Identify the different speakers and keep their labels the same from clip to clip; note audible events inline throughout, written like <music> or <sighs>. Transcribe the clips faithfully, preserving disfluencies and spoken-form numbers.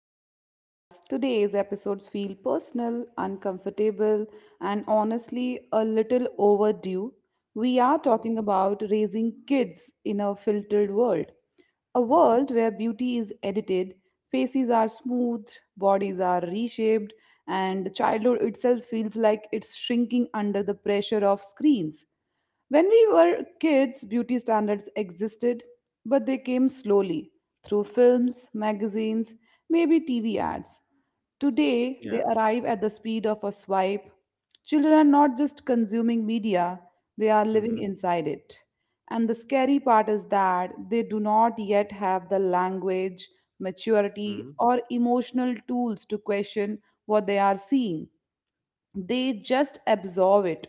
Speaker 1: to the podcast. Today's episodes feel personal, uncomfortable, and honestly a little overdue. We are talking
Speaker 2: Mm.
Speaker 1: about raising kids in a filtered world, a
Speaker 2: Mm.
Speaker 1: world where beauty is edited, faces are smoothed, bodies are reshaped, and childhood itself feels like it's shrinking under the pressure of screens. When we were kids, beauty standards existed, but they came slowly through films, magazines, maybe T V ads. Today, they
Speaker 2: Yeah.
Speaker 1: arrive at the speed of a swipe. Children are not just consuming media, they are living
Speaker 2: Mm-hmm.
Speaker 1: inside it. And the scary part is that they do not yet have the language,
Speaker 2: Mm-hmm.
Speaker 1: maturity, or emotional tools to question what they are seeing, they just absorb it.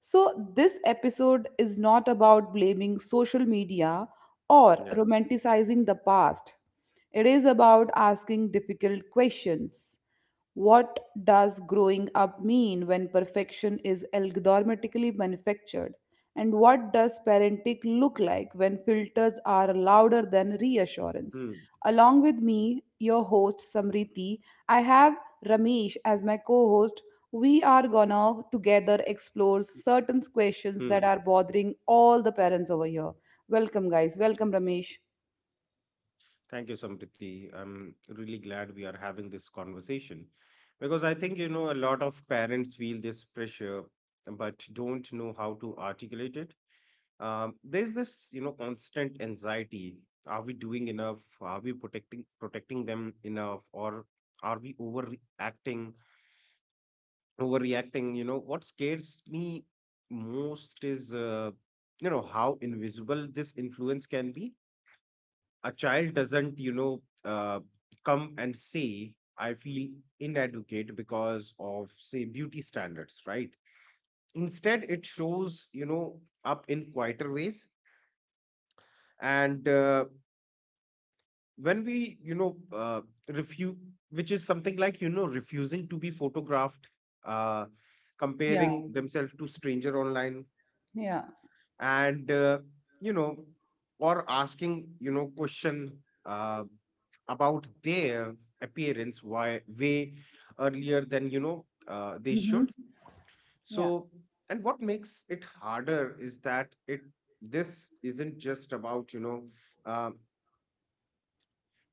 Speaker 1: So, this episode is not about blaming social media or
Speaker 2: Yeah.
Speaker 1: romanticizing the past. It is about asking difficult questions. What does growing up mean when perfection is algorithmically manufactured? And what does parenting look like when filters are louder than reassurance?
Speaker 2: Mm.
Speaker 1: Along with me, your host Samriti, I have Ramesh as my co-host. We are gonna together explore certain questions that
Speaker 2: Hmm.
Speaker 1: are bothering all the parents over here. Welcome, guys. Welcome, Ramesh.
Speaker 2: Thank you, Sampriti. I'm really glad we are having this conversation because, I think, you know, a lot of parents feel this pressure but don't know how to articulate it. Um, there's this, you know, constant anxiety. Are we doing enough? Are we protecting protecting them enough? Or are we overreacting? overreacting. You know, what scares me most is, uh, you know, how invisible this influence can be. A child doesn't, you know, uh, come and say, I feel inadequate because of, say, beauty standards, right? Instead, it shows, you know, up in quieter ways. And uh, when we, you know, uh, refuse, which is something like, you know, refusing to be photographed, uh,
Speaker 1: Yeah,
Speaker 2: comparing themselves to stranger online,
Speaker 1: yeah.
Speaker 2: and uh, you know or asking you know question uh, about their appearance why way earlier than you know uh, they should.
Speaker 1: Mm-hmm. Yeah.
Speaker 2: so and what makes it harder is that it this isn't just about you know uh,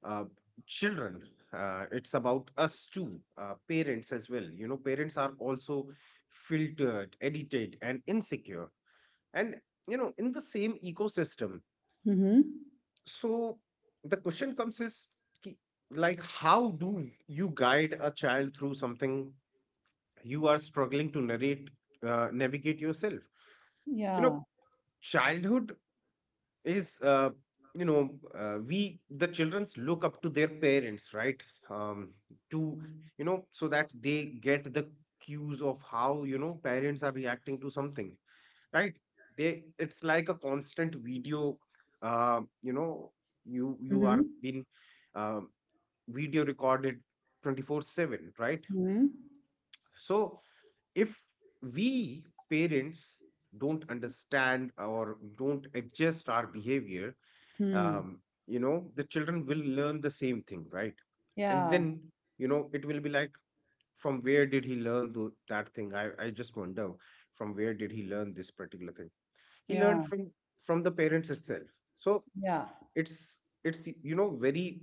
Speaker 2: uh, children. Uh, it's about us too, uh, parents as well. You know, parents are also filtered, edited, and insecure, and, you know, in the same ecosystem.
Speaker 1: Mm-hmm.
Speaker 2: So the question comes is, ki- like, how do you guide a child through something you are struggling to narrate uh, navigate yourself? You know,
Speaker 1: Yeah.
Speaker 2: childhood is, uh, you know uh, we, the childrens look up to their parents, right? Um, to you know So that they get the cues of how, you know, parents are reacting to something, right? they It's like a constant video, uh, you know you you are
Speaker 1: Mm-hmm.
Speaker 2: being, um, video recorded twenty-four seven, right?
Speaker 1: Mhm.
Speaker 2: So if we parents don't understand or don't adjust our behavior,
Speaker 1: Hmm.
Speaker 2: um, you know, the children will learn the same thing, right? And
Speaker 1: Yeah.
Speaker 2: then, you know, it will be like, from where did he learn tho- that thing, i i just wonder, from where did he learn this particular thing? He learned
Speaker 1: Yeah.
Speaker 2: from from the parents itself. So
Speaker 1: Yeah.
Speaker 2: it's it's you know, very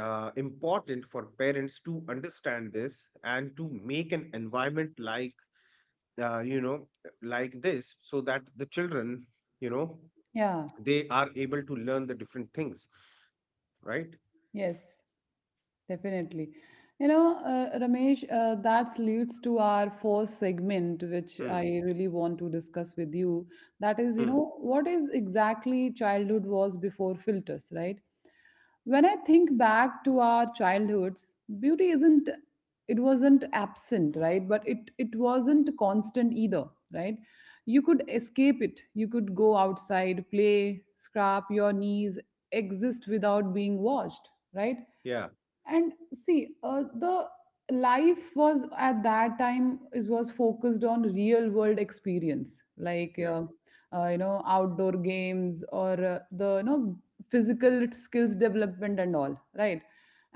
Speaker 2: uh, important for parents to understand this and to make an environment like, uh, you know like this, so that the children, you know,
Speaker 1: Yeah.
Speaker 2: they are able to learn the different things, right?
Speaker 1: Yes. Definitely. You know, uh, Ramesh, uh, that leads to our fourth segment, which
Speaker 2: Hmm.
Speaker 1: I really want to discuss with you. That is, you
Speaker 2: Hmm.
Speaker 1: know, what is exactly childhood was before filters, right? When I think back to our childhoods, beauty isn't, it wasn't absent, right? But it, it wasn't constant either, right? You could escape it. You could go outside, play, scrap your knees, exist without being watched, right?
Speaker 2: Yeah.
Speaker 1: And see uh, the life was at that time is was focused on real world experience like
Speaker 2: Yeah.
Speaker 1: uh, uh, you know, outdoor games or uh, the you know physical skills development and all, right?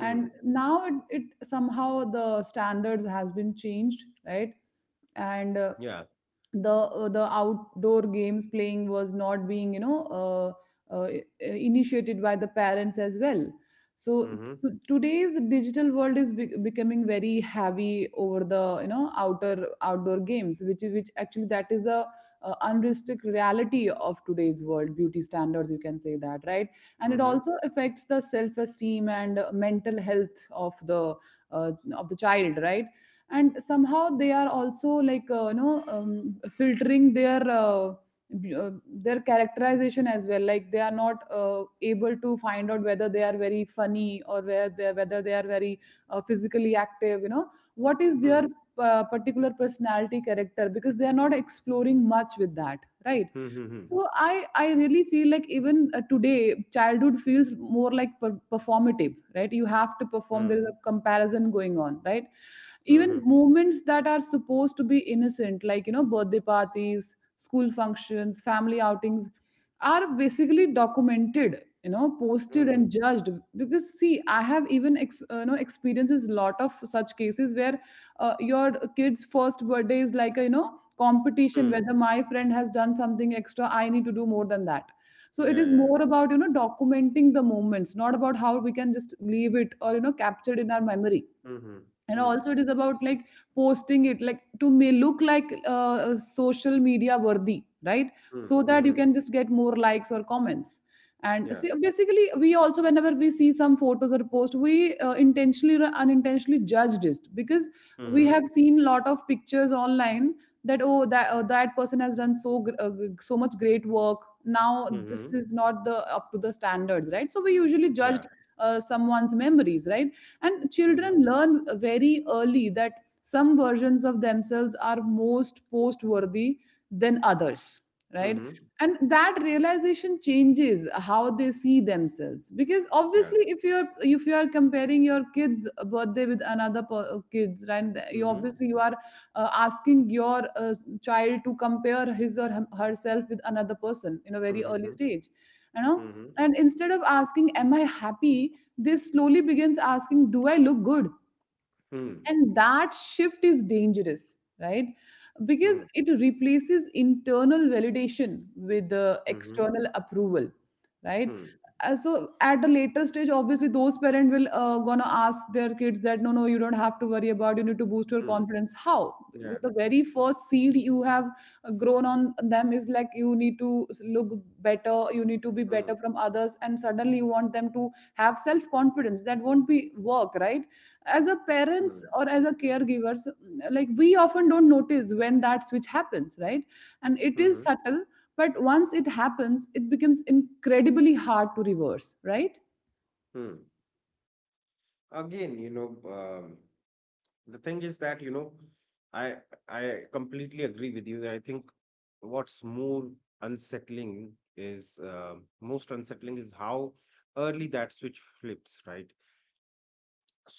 Speaker 2: Hmm.
Speaker 1: now it, it somehow the standards has been changed, right? And uh,
Speaker 2: Yeah.
Speaker 1: the uh, the outdoor games playing was not being you know uh, uh, initiated by the parents as well. So,
Speaker 2: Mm-hmm.
Speaker 1: so today's digital world is be- becoming very heavy over the you know outer outdoor games which is which actually that is the uh, unrestricted reality of today's world beauty standards, you can say that, right? And it
Speaker 2: Mm-hmm.
Speaker 1: also affects the self esteem and uh, mental health of the uh, of the child, right? And somehow they are also like uh, you know um, filtering their uh, b- uh, their characterization as well, like they are not uh, able to find out whether they are very funny or where they whether they are very uh, physically active, you know, what is
Speaker 2: Hmm.
Speaker 1: their uh, particular personality character because they are not exploring much with that, right?
Speaker 2: Hmm. Hmm.
Speaker 1: So i i really feel like even uh, today childhood feels more like per- performative, right? You have to perform, there is
Speaker 2: Hmm.
Speaker 1: a comparison going on, right?
Speaker 2: Hmm. Hmm.
Speaker 1: Even
Speaker 2: Hmm.
Speaker 1: moments that are supposed to be innocent like you know birthday parties, school functions, family outings are basically documented, you know,
Speaker 2: Hmm.
Speaker 1: posted
Speaker 2: Hmm.
Speaker 1: and judged. We, I have even ex, uh, you know experiences lot of where uh, your kid's first birthday is like a you know competition,
Speaker 2: Hmm.
Speaker 1: whether my friend has done something extra I need to do more than that. So it
Speaker 2: Yeah, yeah,
Speaker 1: is
Speaker 2: yeah.
Speaker 1: more about you know documenting the moments, not about how we can just leave it or you know capture it in our memory.
Speaker 2: Hmm. Hmm.
Speaker 1: You know,
Speaker 2: Hmm.
Speaker 1: like post, like to make, right?
Speaker 2: Hmm.
Speaker 1: So
Speaker 2: Hmm.
Speaker 1: it movements. And
Speaker 2: Yeah.
Speaker 1: see, basically we also whenever we see some photos or post we uh, intentionally or unintentionally judged it because we have
Speaker 2: Mhm.
Speaker 1: seen lot of pictures online that oh that uh, that person has done so gr- uh, so much great work, now this
Speaker 2: Mhm.
Speaker 1: is not the up to the standards, right? So we usually
Speaker 2: Yeah.
Speaker 1: judged uh, someone's memories, right? And children
Speaker 2: Mhm.
Speaker 1: learn very early that some versions of themselves are most post worthy than others, right?
Speaker 2: Mhm.
Speaker 1: And that realization changes how they see themselves because
Speaker 2: Yeah.
Speaker 1: obviously if you're if you are comparing your kid's birthday with another per, uh, kids, right? And you
Speaker 2: Mhm.
Speaker 1: obviously you are uh, asking your uh, child to compare his or hem- herself with another person in a very early
Speaker 2: Mhm.
Speaker 1: stage, you know.
Speaker 2: Mhm.
Speaker 1: And instead of asking am I happy, this slowly begins asking do I look good.
Speaker 2: Hmm.
Speaker 1: And that shift is dangerous, right? Because
Speaker 2: Hmm.
Speaker 1: it replaces internal validation with the
Speaker 2: Mhm.
Speaker 1: external approval, right?
Speaker 2: Hmm.
Speaker 1: Uh, so at a later stage obviously those parents will uh, gonna ask their kids that no no you don't have to worry about, you need to boost your
Speaker 2: Hmm.
Speaker 1: confidence, how?
Speaker 2: Yeah.
Speaker 1: The very first seed you have uh, grown on them is like you need to look better, you need to be better
Speaker 2: Hmm.
Speaker 1: from others, and suddenly you want them to have self confidence, that won't be work, right? As a parents
Speaker 2: Hmm.
Speaker 1: or as a caregivers, like we often don't notice when that switch happens, right? And it is
Speaker 2: Mhm.
Speaker 1: subtle, but once it happens it becomes incredibly hard to reverse, right?
Speaker 2: Hmm. Again, you know, um, the thing is that, you know, I I completely agree with you. I think what's more unsettling is uh, most unsettling is how early that switch flips, right?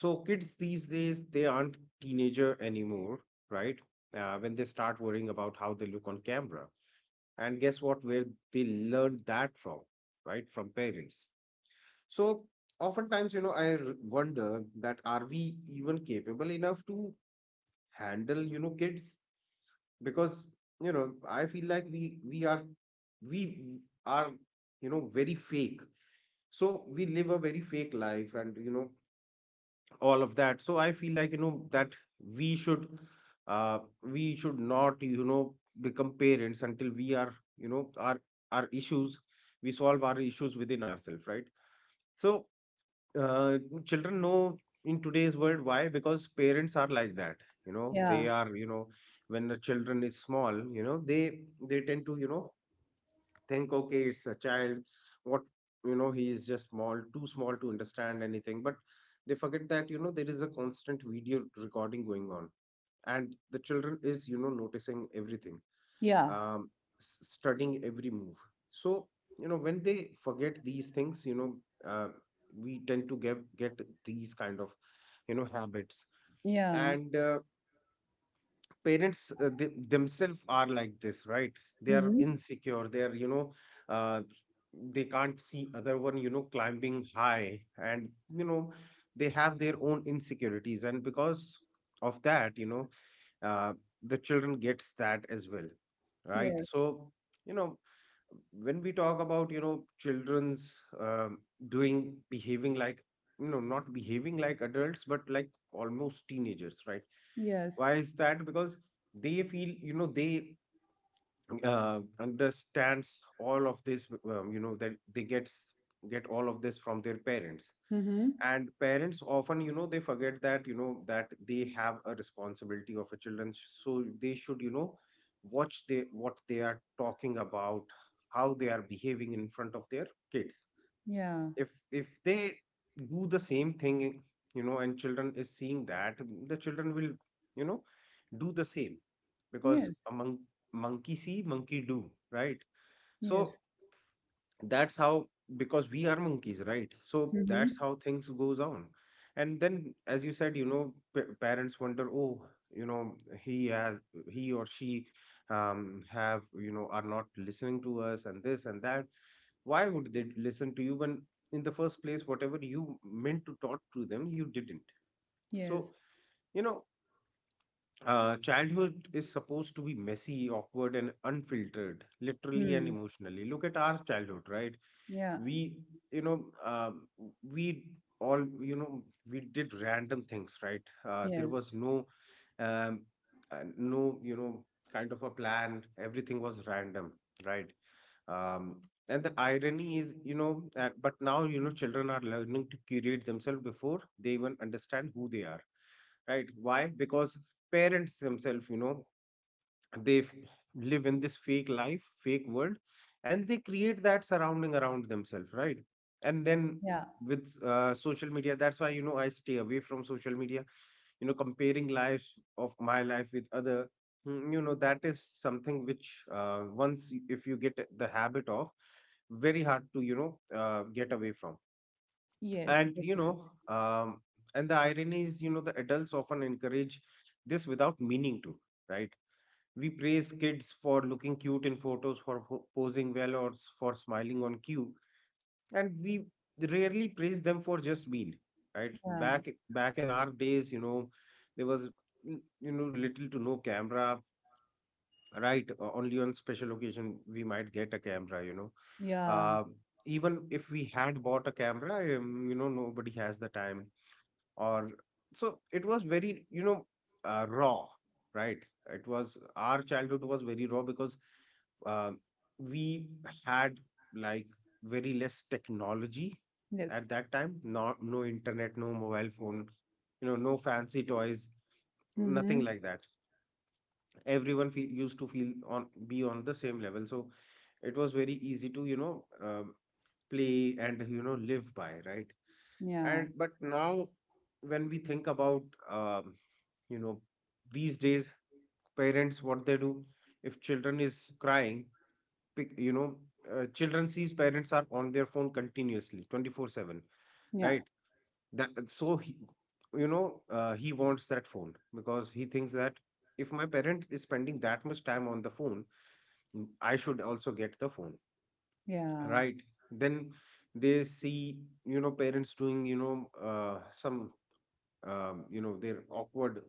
Speaker 2: So kids these days, they aren't teenager anymore, right? Uh, when they start worrying about how they look on camera, and guess what, where they learned that from? Right from parents. So oftentimes, you know, i r- wonder that, are we even capable enough to handle, you know, kids? Because, you know, I feel like we we are we are, you know, very fake. So we live a very fake life, and, you know, all of that. So I feel like, you know, that we should, uh, we should not, you know, become parents until we are, you know our our issues, we solve our issues within ourselves, right? So, uh, children know, in today's world, why? Because parents are like that. You know, they
Speaker 1: Yeah,
Speaker 2: are, you know, when the children is small, you know, they they tend to, you know, think, okay, it's a child, what, you know, he is just small, too small to understand anything. But they forget that, you know, there is a constant video recording going on, and the children is, you know, noticing everything,
Speaker 1: yeah,
Speaker 2: um s- studying every move. So, you know, when they forget these things, you know, uh, we tend to get get these kind of, you know, habits.
Speaker 1: yeah.
Speaker 2: And, uh, parents, uh, th- themselves are like this, right? They are
Speaker 1: Mm-hmm.
Speaker 2: insecure, they are, you know, uh, they can't see other one, you know, climbing high. And, you know, they have their own insecurities, and because of that, you know, uh, the children gets that as well, right?
Speaker 1: Yes.
Speaker 2: So, you know, when we talk about, you know, children's, um, doing, behaving like, you know, not behaving like adults but like almost teenagers, right?
Speaker 1: Yes.
Speaker 2: Why is that? Because they feel, you know, they uh, understands all of this, um, you know, that they gets get all of this from their parents.
Speaker 1: Mm-hmm.
Speaker 2: And parents often, you know, they forget that, you know, that they have a responsibility of a children. So they should, you know, watch they what they are talking about, how they are behaving in front of their kids.
Speaker 1: Yeah.
Speaker 2: If if they do the same thing, you know, and children is seeing that, the children will, you know, do the same. Because
Speaker 1: Yes.
Speaker 2: a mon- monkey see, monkey do, right? So
Speaker 1: Yes.
Speaker 2: that's how, because we are monkeys, right? So
Speaker 1: Mm-hmm.
Speaker 2: that's how things goes on. And then, as you said, you know, p- parents wonder, oh, you know, he has he or she, um have, you know, are not listening to us, and this and that. Why would they listen to you when, in the first place, whatever you meant to talk to them, you didn't? So,
Speaker 1: Yes.
Speaker 2: you know, uh, childhood is supposed to be messy, awkward, and unfiltered, literally and
Speaker 1: Hmm.
Speaker 2: emotionally. Look at our childhood, right?
Speaker 1: Yeah.
Speaker 2: We, you know, um, we all, you know, we did random things, right? Uh, there was
Speaker 1: Yes.
Speaker 2: no, um, uh, no, you know, kind of a plan. Everything was random, right? Um, and the irony is, you know, that, but now, you know, children are learning to curate themselves before they even understand who they are, right? Why? Because parents themselves, you know, they f- live in this fake life, fake world, and they create that surrounding around themselves, right? And then,
Speaker 1: Yeah.
Speaker 2: with, uh, social media, that's why, you know, I stay away from social media. You know, comparing lives of my life with other, mm, you know, that is something which, uh, once y- if you get the habit of, very hard to, you know, uh, get away from.
Speaker 1: Yes.
Speaker 2: And, you
Speaker 1: Definitely.
Speaker 2: know um, and the irony is, you know, the adults often encourage this without meaning to, right? We praise kids for looking cute in photos, for ho- posing well, or s- for smiling on cue, and we rarely praise them for just being, right.
Speaker 1: Yeah.
Speaker 2: Back back in our days, you know, there was, mm, you know, little to no camera. Right, o- only on special occasion we might get a camera. You know,
Speaker 1: Yeah.
Speaker 2: uh, even if we had bought a camera, um, you know, nobody has the time. Or, so it was very, you know, uh, raw, right? It was, our childhood was very raw, because, um we had, like, very less technology at
Speaker 1: Yes.
Speaker 2: that time. Not, no internet, no mobile phone, you know, no fancy toys, nothing
Speaker 1: Mm-hmm.
Speaker 2: like that. everyone feel, used to feel on, be on the same level. So it was very easy to, you know, um, play and, you know, live by, right?
Speaker 1: Yeah.
Speaker 2: And but now, when we think about, um, you know, these days, parents, what they do, if children is crying, pick, you know, uh, children sees parents are on their phone continuously twenty-four seven,
Speaker 1: Yeah.
Speaker 2: right? that so he You know, uh, he wants that phone, because he thinks that if my parent is spending that much time on the phone, mm, I should also get the phone,
Speaker 1: Yeah.
Speaker 2: right? Then they see, you know, parents doing, you know, uh, some, um, you know, their awkward,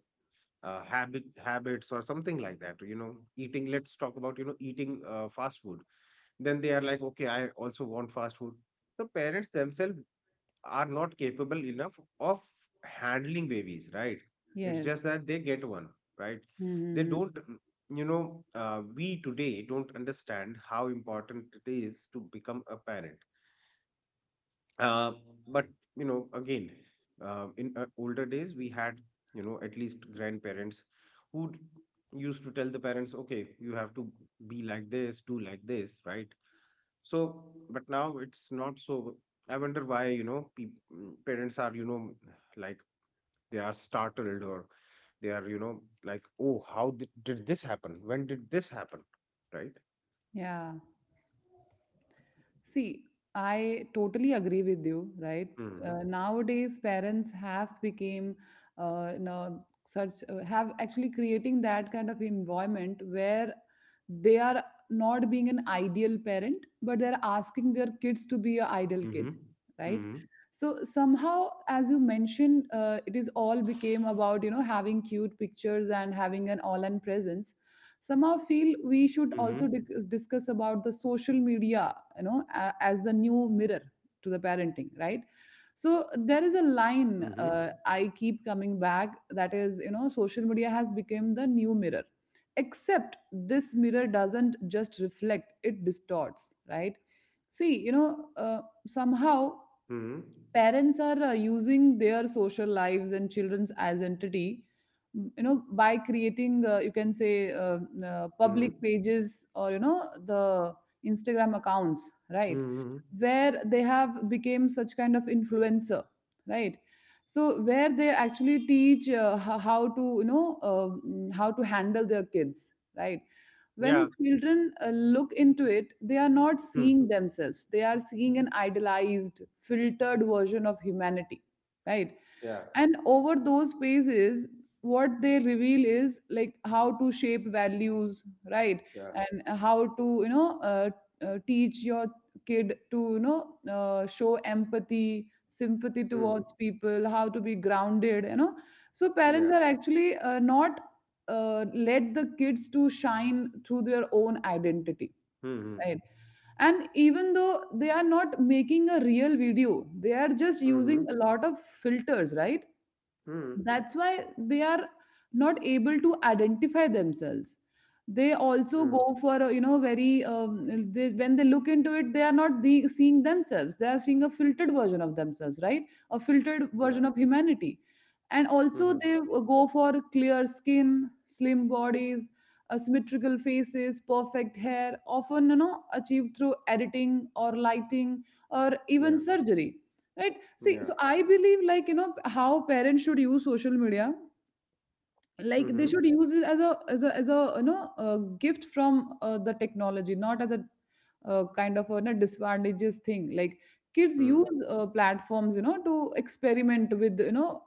Speaker 2: uh, habit habits or something like that. You know, eating, let's talk about, you know, eating, uh, fast food. Then they are like, okay, I also want fast food. The parents themselves are not capable enough of handling babies, right? It's
Speaker 1: Yes.
Speaker 2: just that they get one, right?
Speaker 1: Mhm,
Speaker 2: They
Speaker 1: mhm.
Speaker 2: don't, mm, you know, uh, we today don't understand how important it is to become a parent. uh, but, you know, again, uh, in uh, older days we had, you know, at least grandparents, who used to tell the parents, okay, you have to be like this, do like this, right? So but now it's not. So I wonder why, you know, peop- mm, parents are, you know, like they are startled, or they are, you know, like, oh, how did, did this happen, when did this happen, right?
Speaker 1: Ja. See, I totally agree with you, right?
Speaker 2: Mm-hmm.
Speaker 1: Uh, nowadays, parents have became uh, you know, such uh, have actually creating that kind of environment where they are not being an ideal parent, but they're asking their kids to be an ideal kid,
Speaker 2: Mm-hmm.
Speaker 1: right?
Speaker 2: Mm-hmm.
Speaker 1: So somehow, as you mentioned, uh, it is all became about you know having cute pictures and having an online presence. Somehow, feel we should
Speaker 2: Mm-hmm.
Speaker 1: also dic- discuss about the social media, you know, a- as the new mirror to the parenting, right? So there is a line
Speaker 2: Mm-hmm.
Speaker 1: uh, I keep coming back, that is, you know, social media has become the new mirror, except this mirror doesn't just reflect, it distorts, right? See, you know, uh, somehow
Speaker 2: Mm-hmm.
Speaker 1: parents are uh, using their social lives and children's identity, m- you know, by creating uh, you can say uh, uh,
Speaker 2: Mm-hmm.
Speaker 1: public pages, or you know, the Instagram accounts, right?
Speaker 2: Mhm.
Speaker 1: Where they have become such kind of influencer, right? So where they actually teach uh, ho- how to you know um, how to handle their kids, right? When
Speaker 2: Yeah.
Speaker 1: children uh, look into it they are not
Speaker 2: Mm.
Speaker 1: seeing themselves, they are seeing an idealized filtered version of humanity, right?
Speaker 2: Yeah,
Speaker 1: And over those pages what they reveal is like how to shape values, right?
Speaker 2: yeah.
Speaker 1: And how to you know uh, uh, teach your kid to you know uh, show empathy, sympathy
Speaker 2: Mm.
Speaker 1: towards people, how to be grounded, you know. So parents
Speaker 2: Yeah.
Speaker 1: are actually uh, not uh, let the kids to shine through their own identity,
Speaker 2: Mhm.
Speaker 1: right? And even though they are not making a real video, they are just
Speaker 2: Mhm.
Speaker 1: using a lot of filters, right?
Speaker 2: Mm.
Speaker 1: That's why they are not able to identify themselves. They also
Speaker 2: Mm.
Speaker 1: go for a, you know very um, they, when they look into it they are not the, seeing themselves, they are seeing a filtered version of themselves, right? A filtered
Speaker 2: Yeah.
Speaker 1: version of humanity. And
Speaker 2: Mhm.
Speaker 1: also they go for clear skin, slim bodies, asymmetrical faces, perfect hair, often you know achieved through editing or lighting or
Speaker 2: Yeah,
Speaker 1: even surgery, right? See,
Speaker 2: yeah.
Speaker 1: so I believe like you know how parents should use social media, like they
Speaker 2: Mhm.
Speaker 1: should use it as a as a as a you know a gift from uh, the technology, not as a uh, kind of a you know disadvantageous thing. Like kids
Speaker 2: Mm.
Speaker 1: use uh, platforms you know to experiment with you know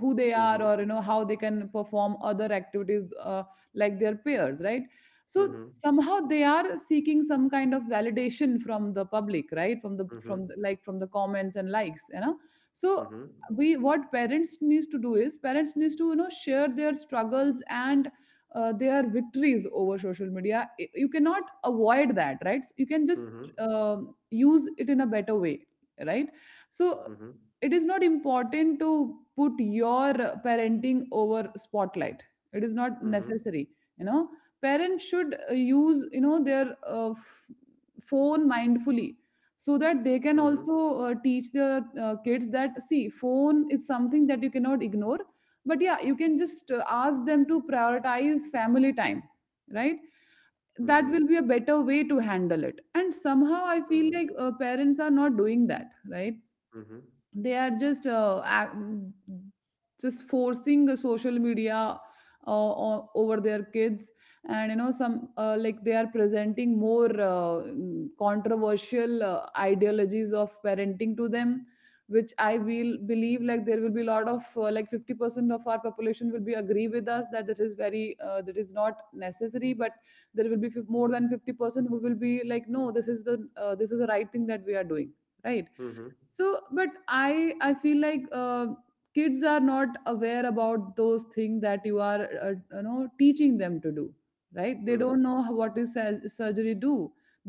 Speaker 1: who they are,
Speaker 2: Mhm.
Speaker 1: or you know how they can perform other activities uh, like their peers, right? So
Speaker 2: Mhm.
Speaker 1: somehow they are seeking some kind of validation from the public, right? From the from the, like from the comments and likes, you know. So
Speaker 2: Mhm.
Speaker 1: we what parents needs to do is parents needs to you know share their struggles and uh, their victories over social media. Y- you cannot avoid that, right? You can just
Speaker 2: Mhm.
Speaker 1: um use it in a better way, right? So
Speaker 2: Mhm.
Speaker 1: it is not important to put your parenting over spotlight, it is not necessary. You know, parents should uh, use you know their uh, f- phone mindfully, so that they can
Speaker 2: Mhm.
Speaker 1: also uh, teach their uh, kids that see phone is something that you cannot ignore, but yeah you can just uh, ask them to prioritize family time, right? That
Speaker 2: Mhm.
Speaker 1: will be a better way to handle it, and somehow I feel like uh, parents are not doing that, right?
Speaker 2: Mhm.
Speaker 1: They are just uh, ac- mm, just forcing a social media uh, o- over their kids. And you know some uh, like they are presenting more uh, mm, controversial uh, ideologies of parenting to them, which I will believe like there will be a lot of uh, like fifty percent of our population will be agree with us that that is very uh, that is not necessary. But there will be fif- more than fifty percent who will be like, "No, this is the uh, this is the right thing that we are doing," right?
Speaker 2: Mhm.
Speaker 1: So but i i feel like, uh, kids are not aware about those things that you are, uh, you know, teaching them to do, right? They
Speaker 2: Mhm.
Speaker 1: don't know how- what is sur- surgery do.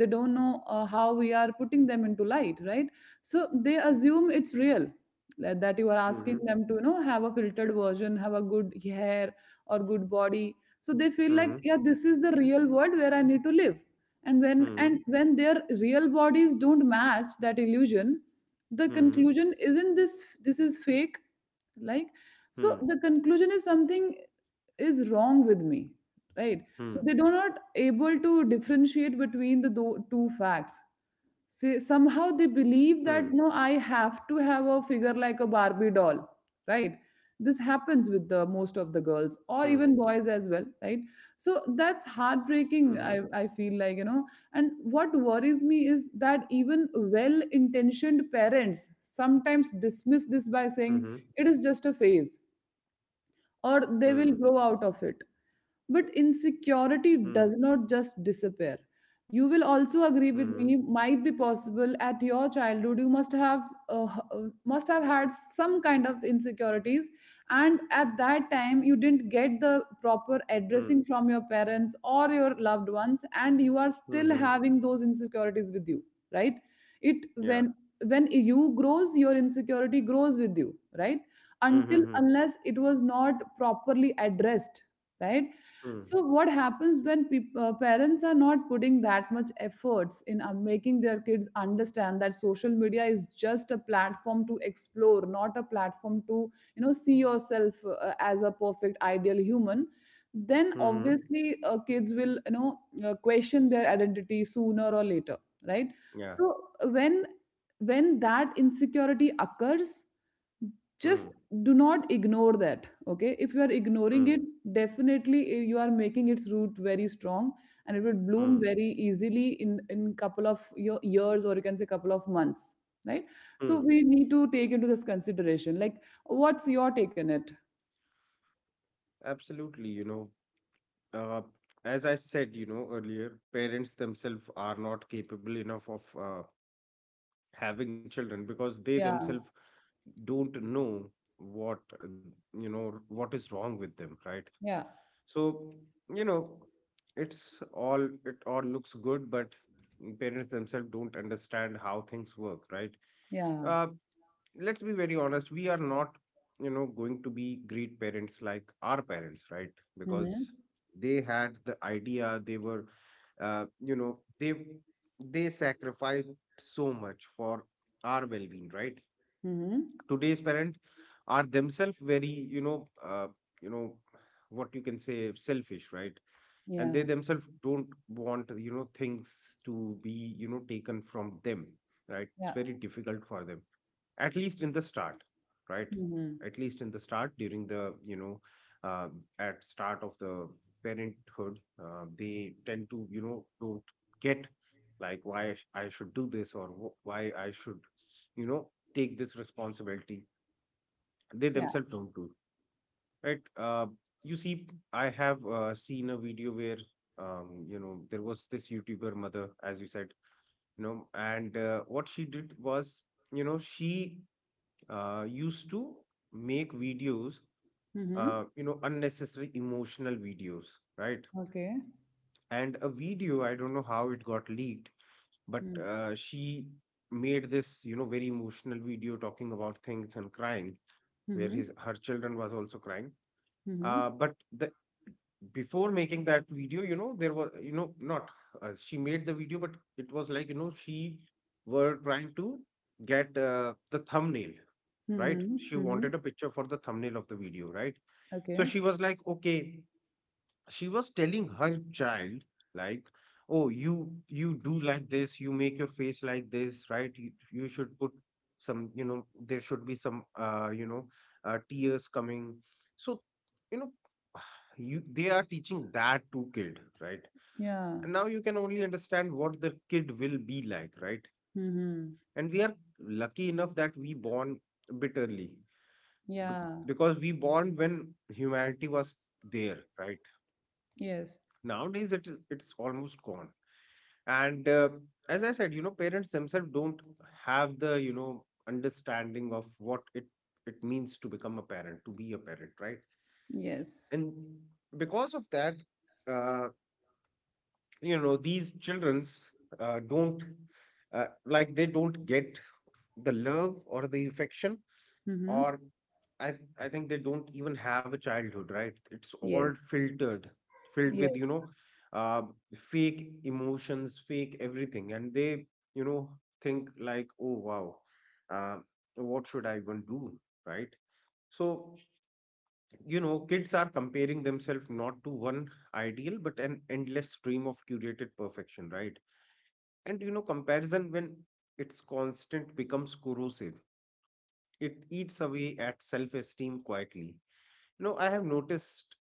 Speaker 1: They don't know, uh, how we are putting them into light, right? So they assume it's real, like that you are asking them to, you know, have a filtered version, have a good hair or good body, so they feel
Speaker 2: Mhm.
Speaker 1: like,
Speaker 2: Mhm.
Speaker 1: yeah, this is the real world where I need to live. And when and when their real bodies don't match that illusion, the
Speaker 2: Mm.
Speaker 1: conclusion isn't this, this is fake, like, so the conclusion is something is wrong with me, right? So they do not able to differentiate between the do- two facts. Say somehow they believe
Speaker 2: Mhm.
Speaker 1: that, no, I have to have a figure like a Barbie doll, right? This happens with the most of the girls or even boys as well, right? So that's
Speaker 2: Mhm. Mhm.
Speaker 1: heartbreaking, i, I feel like you know And what worries me is that even well intentioned parents sometimes dismiss this by saying
Speaker 2: Mhm.
Speaker 1: it is just a phase or they
Speaker 2: Hmm.
Speaker 1: will grow out of it. But insecurity
Speaker 2: Hmm.
Speaker 1: does not just disappear. You will also
Speaker 2: Hmm. Hmm. Mhm.
Speaker 1: agree
Speaker 2: Mhm. Hmm.
Speaker 1: with
Speaker 2: Hmm. Mhm.
Speaker 1: me. Might be possible at your childhood. You must have uh, h- uh, must have had some kind of insecurities, and at that time you didn't get the proper
Speaker 2: Mm.
Speaker 1: addressing from your parents or your loved ones, and you are still
Speaker 2: Mhm.
Speaker 1: having those insecurities with you, right? It
Speaker 2: Yeah.
Speaker 1: when when you grows, your insecurity grows with you, right?
Speaker 2: Mm,
Speaker 1: Until
Speaker 2: mhm,
Speaker 1: unless it was not properly addressed, right?
Speaker 2: mhm.
Speaker 1: So what happens when peop- uh, parents are not putting that much efforts in, uh, making their kids understand that social media is just a platform to explore, not a platform to, you know see yourself, uh, as a perfect ideal human. Then
Speaker 2: Mm, mhm.
Speaker 1: obviously, uh, kids will, you know uh, question their identity sooner or later, right?
Speaker 2: Yeah.
Speaker 1: So when when that insecurity occurs, just
Speaker 2: Mm,
Speaker 1: do not ignore that. Okay, if you are ignoring it,
Speaker 2: mm,
Speaker 1: definitely, eh, you are making its root very strong, and it will bloom
Speaker 2: mm,
Speaker 1: very easily in in couple of your years, or you can say couple of months, right? So
Speaker 2: mm.
Speaker 1: we need to take into this consideration, like, what's your take on it?
Speaker 2: Absolutely, you know, uh, as I said, you know, earlier, parents themselves are not capable enough of uh, having children because they
Speaker 1: Yeah,
Speaker 2: themselves don't know what, uh, you know, what is wrong with them, right?
Speaker 1: yeah,
Speaker 2: So, you know, it's all, it all looks good, but parents themselves don't understand how things work, right?
Speaker 1: yeah.
Speaker 2: Uh, let's be very honest, we are not you know going to be great parents like our parents, right?
Speaker 1: Mm-hmm.
Speaker 2: Because they had the idea, they were uh, you know they they sacrificed so much for our well-being, right?
Speaker 1: Mm-hmm.
Speaker 2: Today's parents are themselves very you know uh, you know what you can say selfish, right? And
Speaker 1: Yeah,
Speaker 2: they themselves don't want you know things to be you know taken from them, right? It's
Speaker 1: yeah.
Speaker 2: very difficult for them, at least in the start, right?
Speaker 1: Mm-hmm.
Speaker 2: At least in the start, during the you know uh, at start of the parenthood, uh, they tend to you know don't get like, why I sh- I should do this, or wh- why I should you know take this responsibility, they
Speaker 1: Yeah.
Speaker 2: themselves don't do, right. Uh, you see, I have uh, seen a video where, um, you know there was this YouTuber mother, as you said, you know and uh, what she did was, you know she uh, used to make videos,
Speaker 1: Mm-hmm.
Speaker 2: uh, you know unnecessary emotional videos, right?
Speaker 1: Okay.
Speaker 2: And a video, I don't know how it got leaked, but
Speaker 1: Mm,
Speaker 2: uh, she made this you know very emotional video talking about things and crying, where
Speaker 1: mm-hmm.
Speaker 2: his her children was also crying.
Speaker 1: Mm-hmm.
Speaker 2: Uh, but the before making that video, you know there was, you know not uh, she made the video, but it was like, you know she were trying to get uh, the thumbnail, right?
Speaker 1: Mm-hmm.
Speaker 2: She
Speaker 1: Mm-hmm.
Speaker 2: wanted a picture for the thumbnail of the video, right? So
Speaker 1: Okay.
Speaker 2: she was like, okay, she was telling her child like, oh, you you do like this, you make your face like this, right? You, you should put some, you know there should be some uh you know uh, tears coming. So, you know <sighs> you they are teaching that to kid, right?
Speaker 1: Yeah.
Speaker 2: And now you can only understand what the kid will be like, right?
Speaker 1: Mm-hmm.
Speaker 2: And we are lucky enough that we born bitterly,
Speaker 1: Yeah.
Speaker 2: because we born when humanity was there, right?
Speaker 1: Yes.
Speaker 2: Nowadays, it is it's almost gone. And um as I said, you know parents themselves don't have the you know understanding of what it it means to become a parent, to be a parent, right?
Speaker 1: Yes.
Speaker 2: And because of that, uh, you know these children's uh, don't uh, like, they don't get the love or the affection,
Speaker 1: Mm-hmm.
Speaker 2: or I I think they don't even have a childhood, right? It's all
Speaker 1: Yes.
Speaker 2: filtered, filled with,
Speaker 1: Yeah.
Speaker 2: you know, uh, fake emotions, fake everything, and they, you know think like, oh wow, uh, what should I even do, right? So you know, kids are comparing themselves not to one ideal, but an endless stream of curated perfection, right? And you know, comparison, when it's constant, becomes corrosive. It eats away at self-esteem quietly. No, I have noticed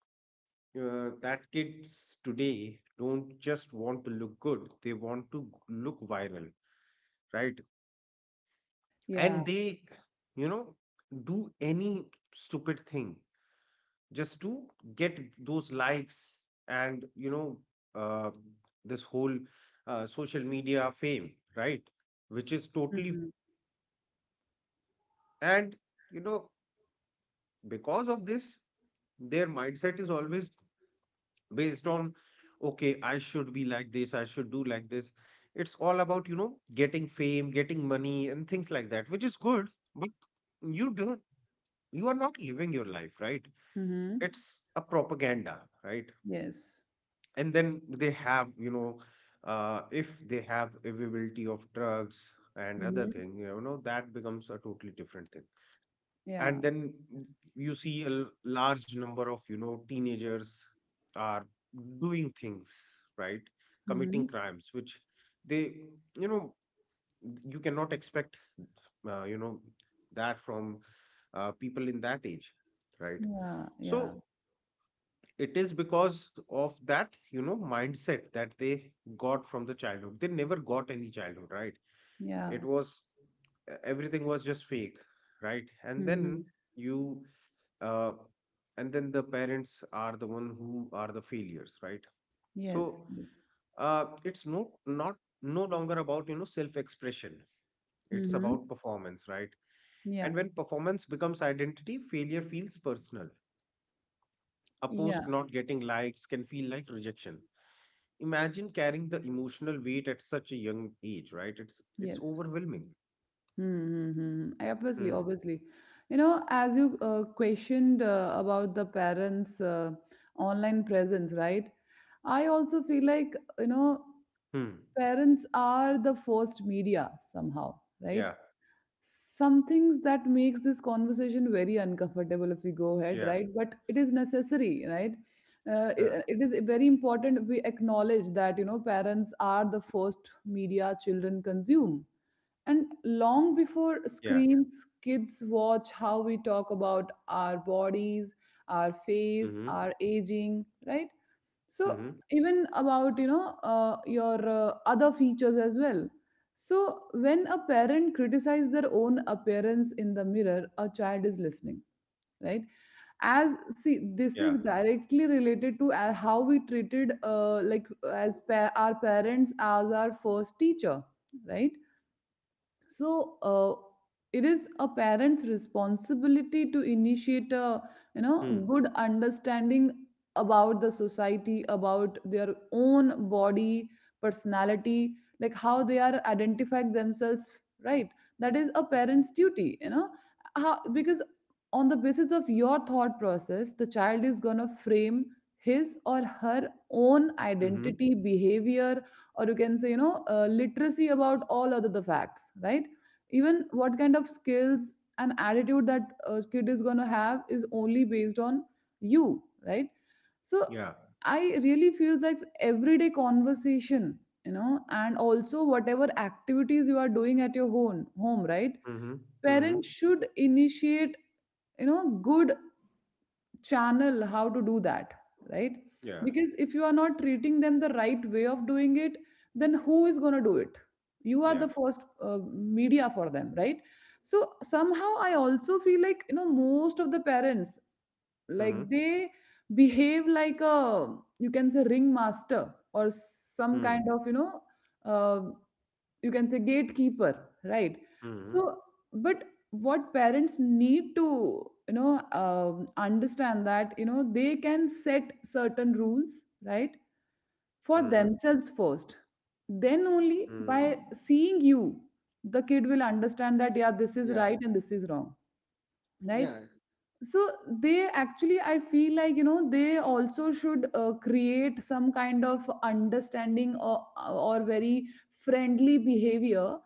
Speaker 2: uh, that kids today don't just want to look good, they want to g- look viral, right?
Speaker 1: Yeah.
Speaker 2: And they, you know, do any stupid thing just to get those likes, and, you know, uh, this whole uh, social media fame, right? Which is totally,
Speaker 1: Mm-hmm.
Speaker 2: and, you know, because of this, their mindset is always based on, okay, I should be like this, I should do like this. It's all about, you know getting fame, getting money, and things like that, which is good, but you don't, you are not living your life, right?
Speaker 1: Mm-hmm.
Speaker 2: It's a propaganda, right?
Speaker 1: Yes.
Speaker 2: And then they have, you know uh, if they have availability of drugs and other
Speaker 1: Mm-hmm.
Speaker 2: thing, you know that becomes a totally different thing.
Speaker 1: Yeah.
Speaker 2: And then you see a l- large number of, you know teenagers are doing things, right,
Speaker 1: Mm-hmm.
Speaker 2: committing crimes which they you know you cannot expect uh, you know that from uh, people in that age, right?
Speaker 1: Yeah. Yeah.
Speaker 2: So it is because of that, you know mindset that they got from the childhood, they never got any childhood, right?
Speaker 1: Yeah.
Speaker 2: It was e-, everything was just fake, right? And
Speaker 1: Mm-hmm.
Speaker 2: then, you uh, and then the parents are the one who are the failures, right? So
Speaker 1: Yes. Yes.
Speaker 2: uh, it's no not no longer about, you know self expression, it's about
Speaker 1: Mm-hmm.
Speaker 2: performance, right? And
Speaker 1: Yeah.
Speaker 2: when performance becomes identity, failure feels personal. A
Speaker 1: Yeah.
Speaker 2: post not getting likes can feel like rejection. Imagine carrying the emotional weight at such a young age, right? It's it's
Speaker 1: Yes.
Speaker 2: overwhelming.
Speaker 1: Mm-hmm. Obviously,
Speaker 2: Hmm.
Speaker 1: obviously. You know, as you, uh, questioned, uh, about the parents', uh, online presence, right? I also feel like, you know,
Speaker 2: Hmm.
Speaker 1: parents are the first media somehow, right?
Speaker 2: Yeah,
Speaker 1: Some things that makes this conversation very uncomfortable if we go ahead,
Speaker 2: yeah,
Speaker 1: right? But it is necessary, right? uh, it,
Speaker 2: huh.
Speaker 1: uh, it is very important we acknowledge that, you know, parents are the first media children consume. And long before
Speaker 2: Yeah.
Speaker 1: screens, kids watch how we talk about our bodies, our
Speaker 2: Mm-hmm.
Speaker 1: face, our aging, right? So
Speaker 2: Mm-hmm.
Speaker 1: even about, you know, uh, your, uh, other features as well. So when a parent criticizes their own appearance in the mirror, a child is listening, right? As see, this
Speaker 2: Yeah.
Speaker 1: is directly related to, uh, how we treated, uh, like as pa- our parents as our first teacher, right? So, uh, it is a parent's responsibility to initiate a, you know,
Speaker 2: Hmm.
Speaker 1: good understanding about the society, about their own body, personality, like how they are identifying themselves, right? That is a parent's duty, you know, how, because on the basis of your thought process the child is going to frame his or her own
Speaker 2: Mm-hmm.
Speaker 1: identity, behavior, or you can say, you know, uh, literacy about all other the facts, right? Even what kind of skills and attitude that a kid is going to have is only based on you, right? So
Speaker 2: Yeah.
Speaker 1: I really feels like everyday conversation, you know, and also whatever activities you are doing at your home home right?
Speaker 2: Mhm,
Speaker 1: Parents
Speaker 2: mhm.
Speaker 1: should initiate, you know, good channel how to do that, right?
Speaker 2: Yeah,
Speaker 1: Because if you are not treating them the right way of doing it, then who is going to do it? You are the
Speaker 2: yeah.
Speaker 1: first, uh, media for them, right? So somehow I also feel like, you know, most of the parents, like,
Speaker 2: Mhm.
Speaker 1: they behave like a, you can say, ringmaster or some
Speaker 2: Mm.
Speaker 1: kind of, you know, uh, you can say gatekeeper, right?
Speaker 2: Mhm.
Speaker 1: So but what parents need to, you know, um, understand that, you know, they can set certain rules, right, for
Speaker 2: Mhm.
Speaker 1: themselves first. Then only by
Speaker 2: Mhm.
Speaker 1: seeing you, the kid will understand that, yeah, this is
Speaker 2: Yeah.
Speaker 1: right and this is wrong, right?
Speaker 2: Yeah.
Speaker 1: So they actually, I feel like, you know, they also should, uh, create some kind of understanding, or, or very friendly behavior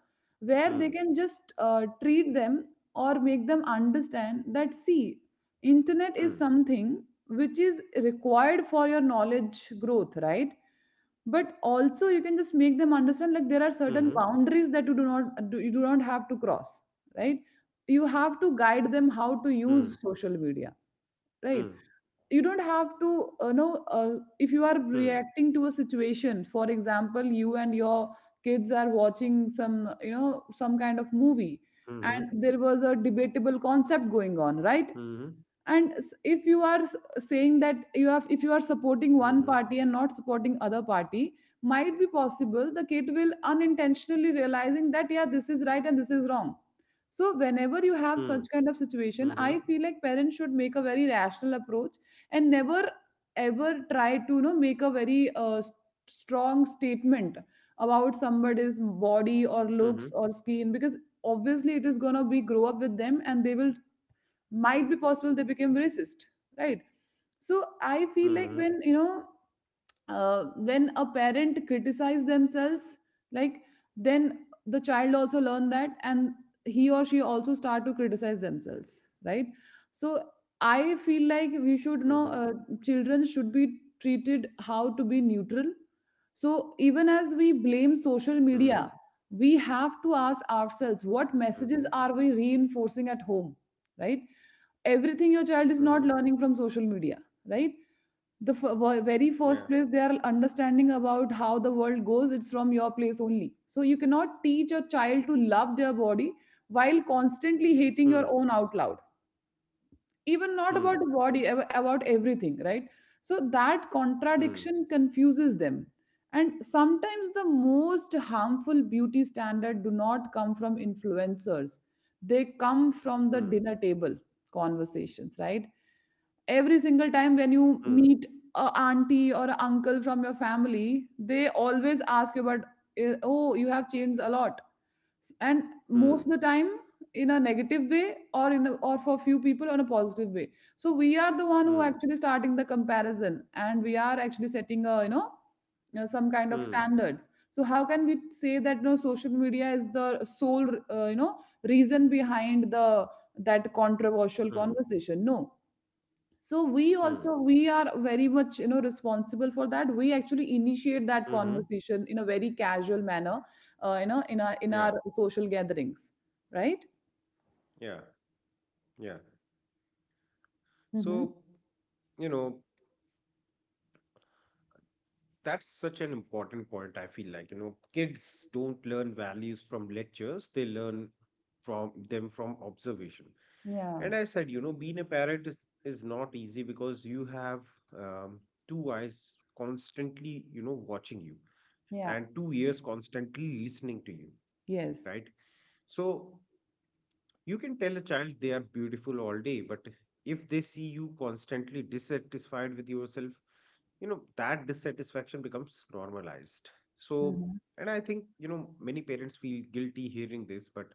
Speaker 1: where they
Speaker 2: Mm.
Speaker 1: can just, uh, treat them, or make them understand that, see, internet is
Speaker 2: Mm.
Speaker 1: something which is required for your knowledge growth, right? But also you can just make them understand, like, there are
Speaker 2: Mhm.
Speaker 1: certain boundaries that you do not you do not have to cross, right? You have to guide them
Speaker 2: Mm.
Speaker 1: how to use social media, right? You don't have to, uh, know, uh, if you
Speaker 2: Mm.
Speaker 1: are reacting to a situation. For example, you and your kids are watching some you know some kind of movie,
Speaker 2: Mm.
Speaker 1: and there was a debatable concept going on, right?
Speaker 2: Mhm.
Speaker 1: And s- if you are s- saying that you have if you are
Speaker 2: Mhm.
Speaker 1: supporting one party and not supporting other party, might be possible the kid will unintentionally realizing that, yeah, this is right and this is wrong. So whenever you have such kind of
Speaker 2: Mhm.
Speaker 1: situation, I feel like parents should make a very rational approach, and never ever try to, you know, make a very uh, s- strong statement about somebody's body or looks or skin, because obviously it is going to be grow up with them, and they will, might be possible they became racist, right? So I feel
Speaker 2: Mm.
Speaker 1: like when, you know, uh, when a parent criticize themselves, like, then the child also learn that, and he or she also start to criticize themselves, right? So I feel like we should know,
Speaker 2: Mhm.
Speaker 1: uh, children should be treated how to be neutral. So even as we blame social media,
Speaker 2: Mhm.
Speaker 1: we have to ask ourselves, what
Speaker 2: Mhm. Mhm. Mhm.
Speaker 1: messages
Speaker 2: Mhm.
Speaker 1: are we reinforcing at home, right? Everything your child is not
Speaker 2: Mhm.
Speaker 1: learning from social media, right? The f- ver- very first
Speaker 2: Yeah.
Speaker 1: place they are understanding about how the world goes, it's from your place only, so you cannot teach a child to love their body while constantly hating your
Speaker 2: Mm.
Speaker 1: own out loud. Even not about the
Speaker 2: Mm.
Speaker 1: body, ab- about everything, right? So that
Speaker 2: Mm.
Speaker 1: contradiction confuses them, and sometimes the most harmful beauty standard do not come from influencers, they come from the dinner table conversations, right? Every single time when you meet
Speaker 2: Mm.
Speaker 1: a auntie or a uncle from your family, they always ask you about, eh, oh, you have changed a lot, and most of the
Speaker 2: Mm.
Speaker 1: time in a negative way, or in a, or for few people on a positive way. So we are the one who actually
Speaker 2: Mm.
Speaker 1: starting the comparison, and we are actually setting a, you know you know, some kind of
Speaker 2: Mm.
Speaker 1: standards, so how can we say that, you know, social media is the sole, uh, you know, reason behind the that controversial
Speaker 2: Mm. Mm.
Speaker 1: conversation? No. So we also,
Speaker 2: Mm.
Speaker 1: we are very much, you know, responsible for that. We actually initiate that
Speaker 2: Mhm.
Speaker 1: conversation in a very casual manner, uh, you know, in our in our
Speaker 2: Yeah.
Speaker 1: social gatherings, right?
Speaker 2: Yeah. Yeah.
Speaker 1: Mhm.
Speaker 2: So, you know, that's such an important point. I feel like, you know kids don't learn values from lectures, they learn from them from observation.
Speaker 1: Yeah,
Speaker 2: And I said, you know being a parent is, is not easy, because you have um, two eyes constantly you know watching you,
Speaker 1: yeah,
Speaker 2: and two ears constantly listening to you,
Speaker 1: yes.
Speaker 2: right? So you can tell a child they are beautiful all day, but if they see you constantly dissatisfied with yourself, you know that dissatisfaction becomes normalized. so
Speaker 1: Mhm.
Speaker 2: and I think, you know many parents feel guilty hearing this, but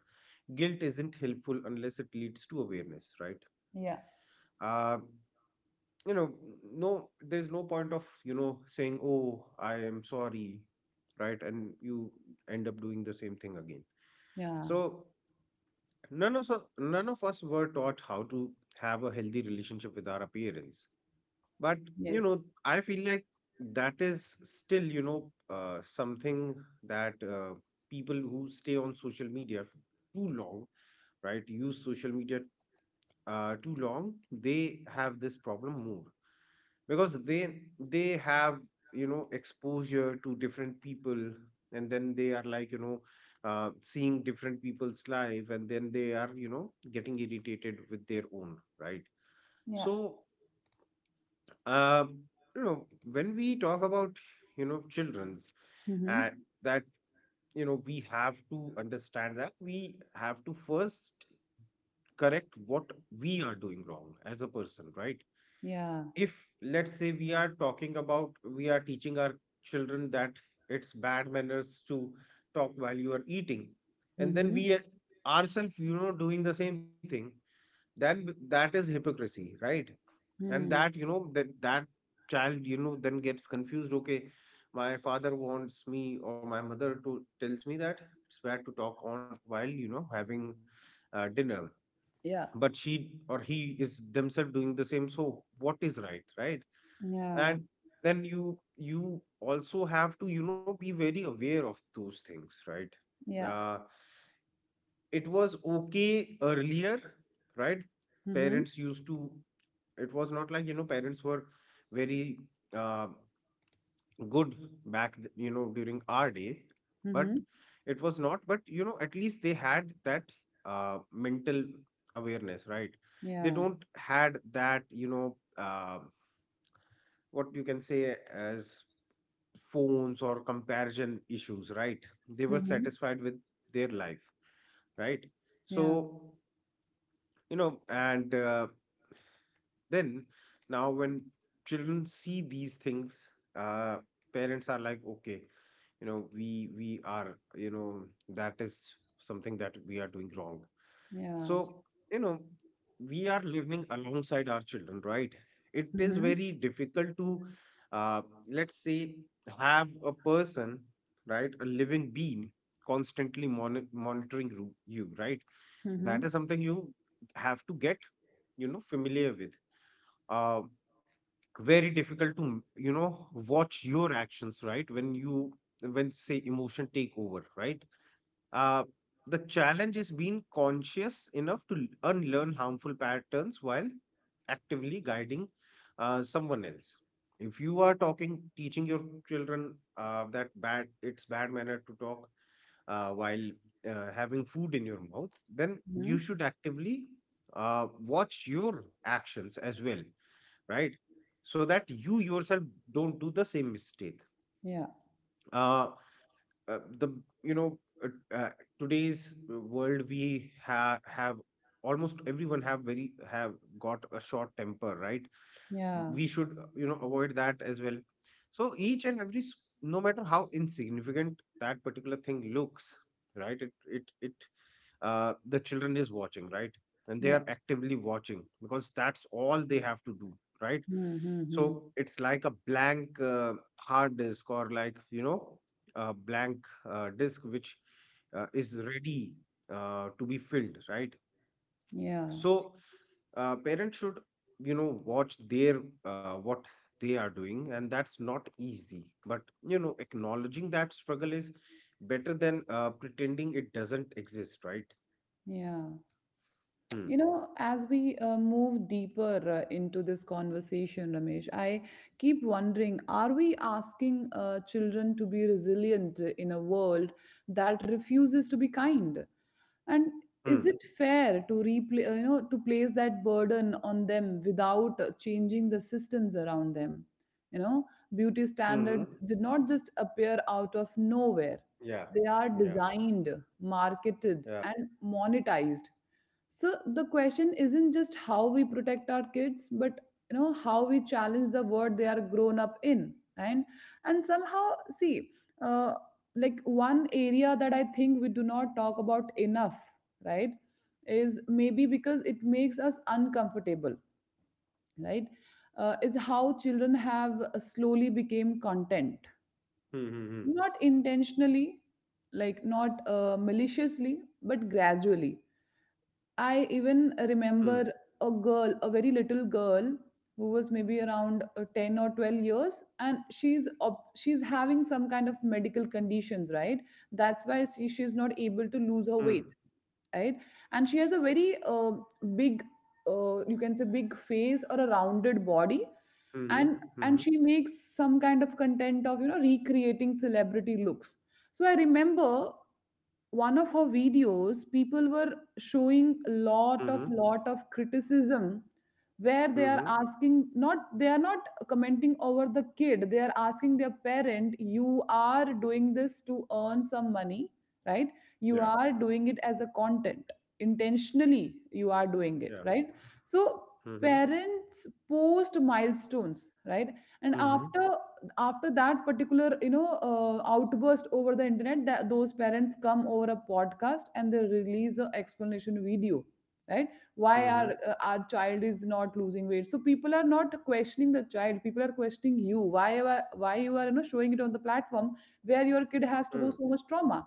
Speaker 2: guilt isn't helpful unless it leads to awareness, right?
Speaker 1: Yeah,
Speaker 2: uh, you know no, there's no point of, you know saying, oh, I am sorry, right, and you end up doing the same thing again.
Speaker 1: yeah,
Speaker 2: So none of us, none of us were taught how to have a healthy relationship with our appearance, but, you know
Speaker 1: yes.
Speaker 2: I feel like that is still, you know uh, something that uh, people who stay on social media f- too long, right, use social media uh, too long, they have this problem more, because they they have, you know exposure to different people, and then they are like, you know uh, seeing different people's life, and then they are, you know getting irritated with their own, right?
Speaker 1: Yeah.
Speaker 2: So um you know when we talk about, you know children's,
Speaker 1: Mm-hmm.
Speaker 2: and that, you know we have to understand that we have to first correct what we are doing wrong as a person, right?
Speaker 1: Yeah.
Speaker 2: If, let's say, we are talking about, we are teaching our children that it's bad manners to talk while you are eating, and then
Speaker 1: Mm-hmm.
Speaker 2: we ourselves, you know doing the same thing, then that is hypocrisy, right? And
Speaker 1: Mm.
Speaker 2: that, you know that that child, you know then gets confused, okay, my father wants me, or my mother to tells me that it's bad to talk on while, you know having uh, dinner,
Speaker 1: Yeah.
Speaker 2: but she or he is themselves doing the same, so what is right, right? And
Speaker 1: Yeah.
Speaker 2: then you you also have to, you know be very aware of those things, right?
Speaker 1: Yeah.
Speaker 2: uh, it was okay earlier, right?
Speaker 1: Mm-hmm.
Speaker 2: Parents used to, it was not like, you know parents were very uh, good back th- you know, during our day, but
Speaker 1: Mm-hmm.
Speaker 2: it was not, but, you know at least they had that uh, mental awareness, right? They
Speaker 1: Yeah.
Speaker 2: don't had that, you know uh, what you can say as phones or comparison issues, right? They were
Speaker 1: Mm-hmm.
Speaker 2: satisfied with their life, right?
Speaker 1: Yeah.
Speaker 2: So, you know and uh, then, now when children see these things, uh, parents are like, okay, you know, we we are, you know, that is something that we are doing wrong.
Speaker 1: Yeah.
Speaker 2: So, you know, we are living alongside our children, right? It is
Speaker 1: Mm-hmm.
Speaker 2: very difficult to, uh, let's say, have a person, right, a living being constantly mon- monitoring ru- you, right? That
Speaker 1: Mm-hmm.
Speaker 2: is something you have to get, you know, familiar with. Uh, Very difficult to, you know watch your actions, right, when you, when say emotion take over, right. uh the challenge is being conscious enough to l- unlearn harmful patterns while actively guiding uh, someone else. If you are talking teaching your children, uh, that bad it's bad manner to talk uh, while uh, having food in your mouth, then you
Speaker 1: Mm-hmm.
Speaker 2: should actively uh, watch your actions as well, right? So that you yourself don't do the same mistake.
Speaker 1: Yeah.
Speaker 2: Uh, uh, the you know uh, uh, Today's world, we ha- have almost everyone have very have got a short temper, right?
Speaker 1: Yeah.
Speaker 2: We should, uh, you know avoid that as well. So each and every s- no matter how insignificant that particular thing looks, right? It it it uh, The children is watching, right, and they
Speaker 1: Yeah.
Speaker 2: are actively watching because that's all they have to do, right?
Speaker 1: Mm-hmm.
Speaker 2: So it's like a blank uh, hard disk, or like, you know a blank uh, disk which uh, is ready uh, to be filled, right?
Speaker 1: Yeah.
Speaker 2: So uh, parents should, you know watch their uh, what they are doing, and that's not easy, but, you know acknowledging that struggle is better than uh, pretending it doesn't exist, right?
Speaker 1: Yeah.
Speaker 2: Hmm.
Speaker 1: You know, as we, uh, move deeper, uh, into this conversation, Ramesh, I keep wondering, are we asking, uh, children to be resilient in a world that refuses to be kind? And is
Speaker 2: Hmm.
Speaker 1: it fair to replay, uh, you know, to place that burden on them without, uh, changing the systems around them? You know, beauty standards
Speaker 2: Mhm.
Speaker 1: did not just appear out of nowhere.
Speaker 2: Yeah.
Speaker 1: They are
Speaker 2: Yeah.
Speaker 1: designed, marketed,
Speaker 2: Yeah.
Speaker 1: and monetized, so the question isn't just how we protect our kids, but you know how we challenge the world they are grown up in, and and somehow see, uh, like one area that I think we do not talk about enough, right, is maybe because it makes us uncomfortable, right, uh, is how children have slowly became content,
Speaker 2: Hmm. Hmm.
Speaker 1: not intentionally, like not uh, maliciously, but gradually. I even
Speaker 2: Hmm.
Speaker 1: remember a girl, a very little girl who was maybe around uh, ten or twelve years, and she's op- she's having some kind of medical conditions, right? That's why she, she's not able to lose her weight,
Speaker 2: Hmm.
Speaker 1: right. And she has a very uh, big, uh, you can say big face or a rounded body. And and
Speaker 2: Mm-hmm.
Speaker 1: she makes some kind of content of you know recreating celebrity looks. So I remember one of her videos people were showing a lot of
Speaker 2: Hmm.
Speaker 1: lot of criticism, where they
Speaker 2: Hmm.
Speaker 1: are
Speaker 2: Hmm. Hmm.
Speaker 1: asking, not they are not commenting over the kid, they are asking their parent, you are doing this to earn some money, right? You
Speaker 2: Yeah.
Speaker 1: are doing it as a content, intentionally you are doing it,
Speaker 2: Yeah.
Speaker 1: right? So
Speaker 2: Hmm. Hmm.
Speaker 1: parents post milestones, right, and
Speaker 2: Mm-hmm.
Speaker 1: after after that particular you know uh, outburst over the internet, that those parents come over a podcast and they release an explanation video, right? Why
Speaker 2: Mm-hmm.
Speaker 1: our uh, our child is not losing weight, so people are not questioning the child, people are questioning you, why you are- why you are you know showing it on the platform where your kid has to go so much trauma.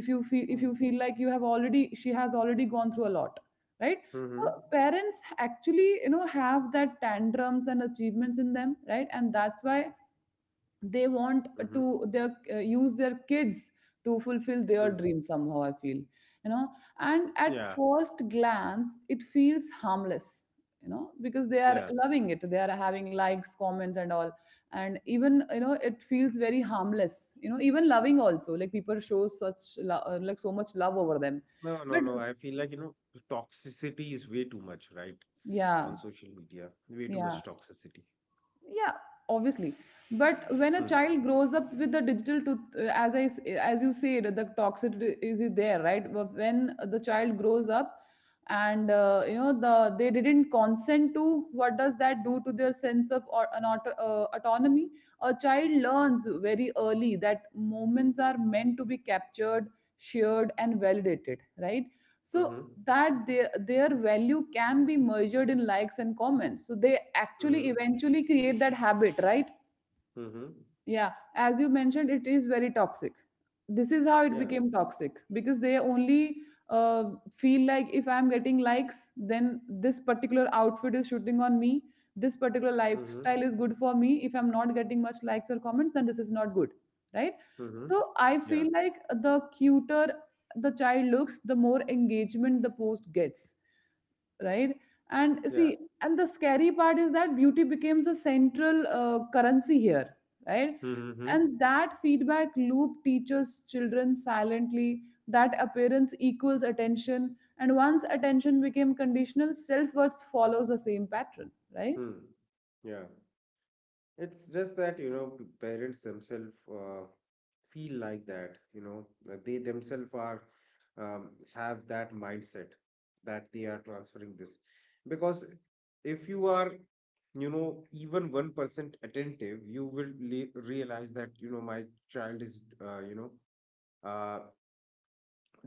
Speaker 1: If you feel if you feel like you have already, she has already gone through a lot, right?
Speaker 2: Hmm. Hmm.
Speaker 1: So parents actually you know have that tantrums and achievements in them, right, and that's why they want
Speaker 2: Hmm.
Speaker 1: to their uh, use their kids to fulfill their
Speaker 2: Hmm.
Speaker 1: dream, somehow I feel, you know. And at
Speaker 2: Yeah.
Speaker 1: first glance it feels harmless, you know, because they are
Speaker 2: Yeah.
Speaker 1: loving it, they are having likes, comments, and all. And even, you know, it feels very harmless, you know, even loving also, like people show such lo- uh, like so much love over them.
Speaker 2: No, no,
Speaker 1: But
Speaker 2: no. I feel like, you know, toxicity is way too much, right?
Speaker 1: yeah,
Speaker 2: On social media. Way too
Speaker 1: yeah,
Speaker 2: much toxicity.
Speaker 1: yeah, obviously. But when a
Speaker 2: Hmm.
Speaker 1: child grows up with the digital to, as i s- as you said, the toxicity is there, right? But when the child grows up, and uh, you know, the they didn't consent to, what does that do to their sense of, or an auto, uh, autonomy? A child learns very early that moments are meant to be captured, shared, and validated, right? So
Speaker 2: Hmm.
Speaker 1: that their their value can be measured in likes and comments, so they actually
Speaker 2: Hmm.
Speaker 1: eventually create that habit, right?
Speaker 2: Hmm.
Speaker 1: Yeah, as you mentioned, it is very toxic. This is how it
Speaker 2: Yeah.
Speaker 1: became toxic, because they only uh, feel like, if I'm getting likes, then this particular outfit is shooting on me. This particular
Speaker 2: Hmm.
Speaker 1: lifestyle is good for me. If I'm not getting much likes or comments, then this is not good, right?
Speaker 2: Hmm.
Speaker 1: So I
Speaker 2: Yeah.
Speaker 1: feel like the cuter the child looks, the more engagement the post gets, right. And
Speaker 2: Yeah.
Speaker 1: see, and the scary part is that beauty becomes a central uh, currency here, right.
Speaker 2: Mm-hmm.
Speaker 1: And that feedback loop teaches children silently that appearance equals attention, and once attention became conditional, self-worth follows the same pattern, right?
Speaker 2: Hmm. Yeah. It's just that, you know, p- parents themselves uh, feel like that, you know, that they themselves are um, have that mindset that they are transferring this. Because if you are, you know, even one percent attentive, you will le- realize that, you know, my child is, uh, you know, uh,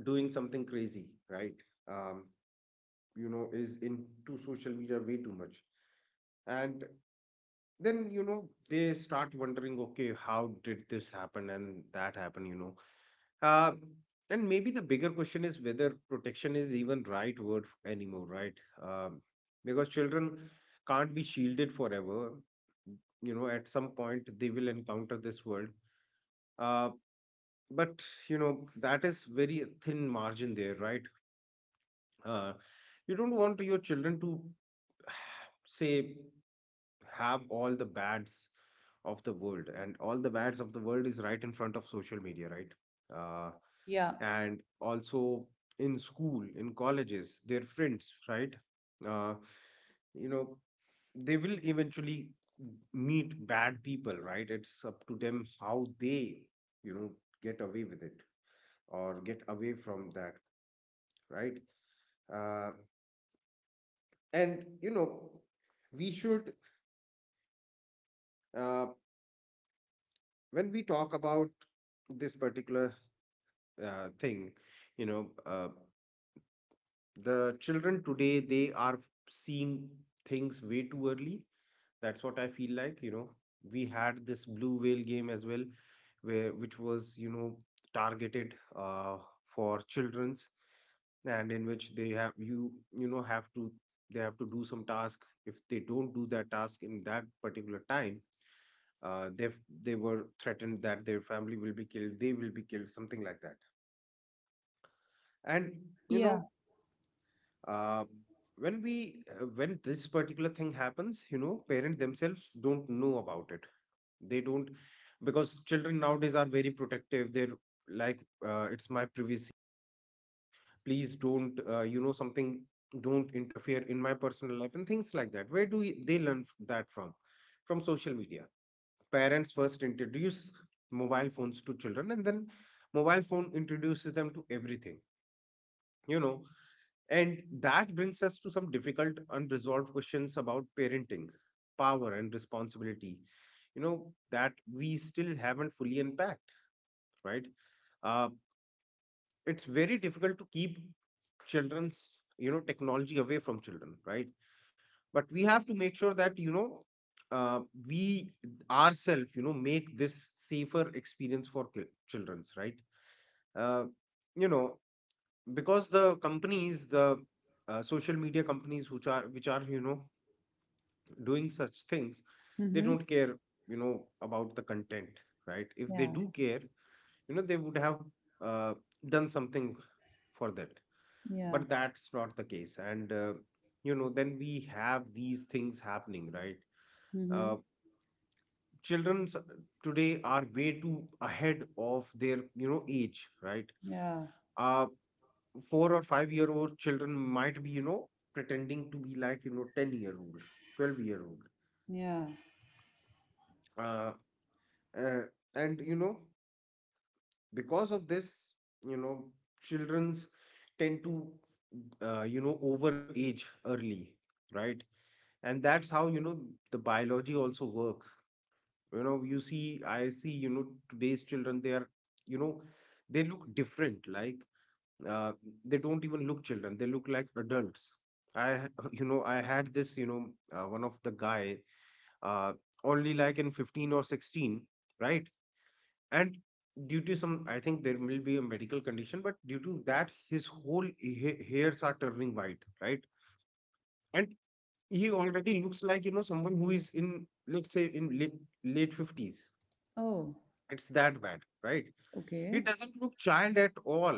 Speaker 2: doing something crazy, right? Um, you know, is into social media way too much. And then, you know, they start wondering, okay, how did this happen and that happen, you know, uh, and maybe the bigger question is whether protection is even right word f- anymore, right? um, because children can't be shielded forever. You know, at some point they will encounter this world, uh, but, you know, that is very thin margin there, right? uh, you don't want your children to <sighs> say have all the bads of the world, and all the bads of the world is right in front of social media, right? uh,
Speaker 1: Yeah,
Speaker 2: and also, in school, in colleges, their friends, right? uh, you know, they will eventually meet bad people, right? It's up to them how they, you know, get away with it or get away from that, right? uh, and you know, we should, uh, when we talk about this particular uh, thing, you know, uh, the children today, they are seeing things way too early. That's what I feel like. You know, we had this blue whale game as well, where which was, you know, targeted uh, for children's, and in which they have you you know have to they have to do some task. If they don't do that task in that particular time, uh, they they were threatened that their family will be killed, they will be killed, something like that. And you
Speaker 1: yeah,
Speaker 2: know, uh, when we uh, when this particular thing happens, you know, parents themselves don't know about it. They don't. Because children nowadays are very protective. They're like, uh, it's my privacy, please don't, uh, you know, something, don't interfere in my personal life and things like that. Where do we- they learn f- that from? From social media. Parents first introduce mobile phones to children, and then mobile phone introduces them to everything, you know. And that brings us to some difficult, unresolved questions about parenting, power, and responsibility, you know, that we still haven't fully unpacked, right? Uh, it's very difficult to keep children's, you know, technology away from children, right? But we have to make sure that, you know, uh, we ourselves, you know, make this safer experience for ki- children's, right? Uh, you know, because the companies, the uh, social media companies, which are which are, you know, doing such things, they
Speaker 1: mm-hmm.
Speaker 2: don't care, you know, about the content, right? If they
Speaker 1: Yeah,
Speaker 2: do care, you know, they would have, uh, done something for that.
Speaker 1: yeah,
Speaker 2: But that's not the case, and uh, you know, then we have these things happening, right?
Speaker 1: mm-hmm.
Speaker 2: uh, Children today are way too ahead of their, you know, age, right?
Speaker 1: Yeah,
Speaker 2: Uh, Four or five year old children might be, you know, pretending to be like, you know, ten year old, twelve year old,
Speaker 1: yeah,
Speaker 2: uh, uh, and you know, because of this, you know, children's tend to, uh, you know, overage early, right? And that's how, you know, the biology also work. You know, you see, I see, you know, today's children, they are, you know, they look different, like, uh, they don't even look children, they look like adults. i ha- <laughs> you know i had this, you know, uh, one of the guy, uh, only like in fifteen or sixteen, right? And due to some, I think there will be a medical condition, but due to that, his whole ha- hairs are turning white, right? And he already looks like, you know, someone who is in, let's say, in late, late fifties.
Speaker 1: oh,
Speaker 2: It's that bad, right?
Speaker 1: okay.
Speaker 2: It doesn't look child at all.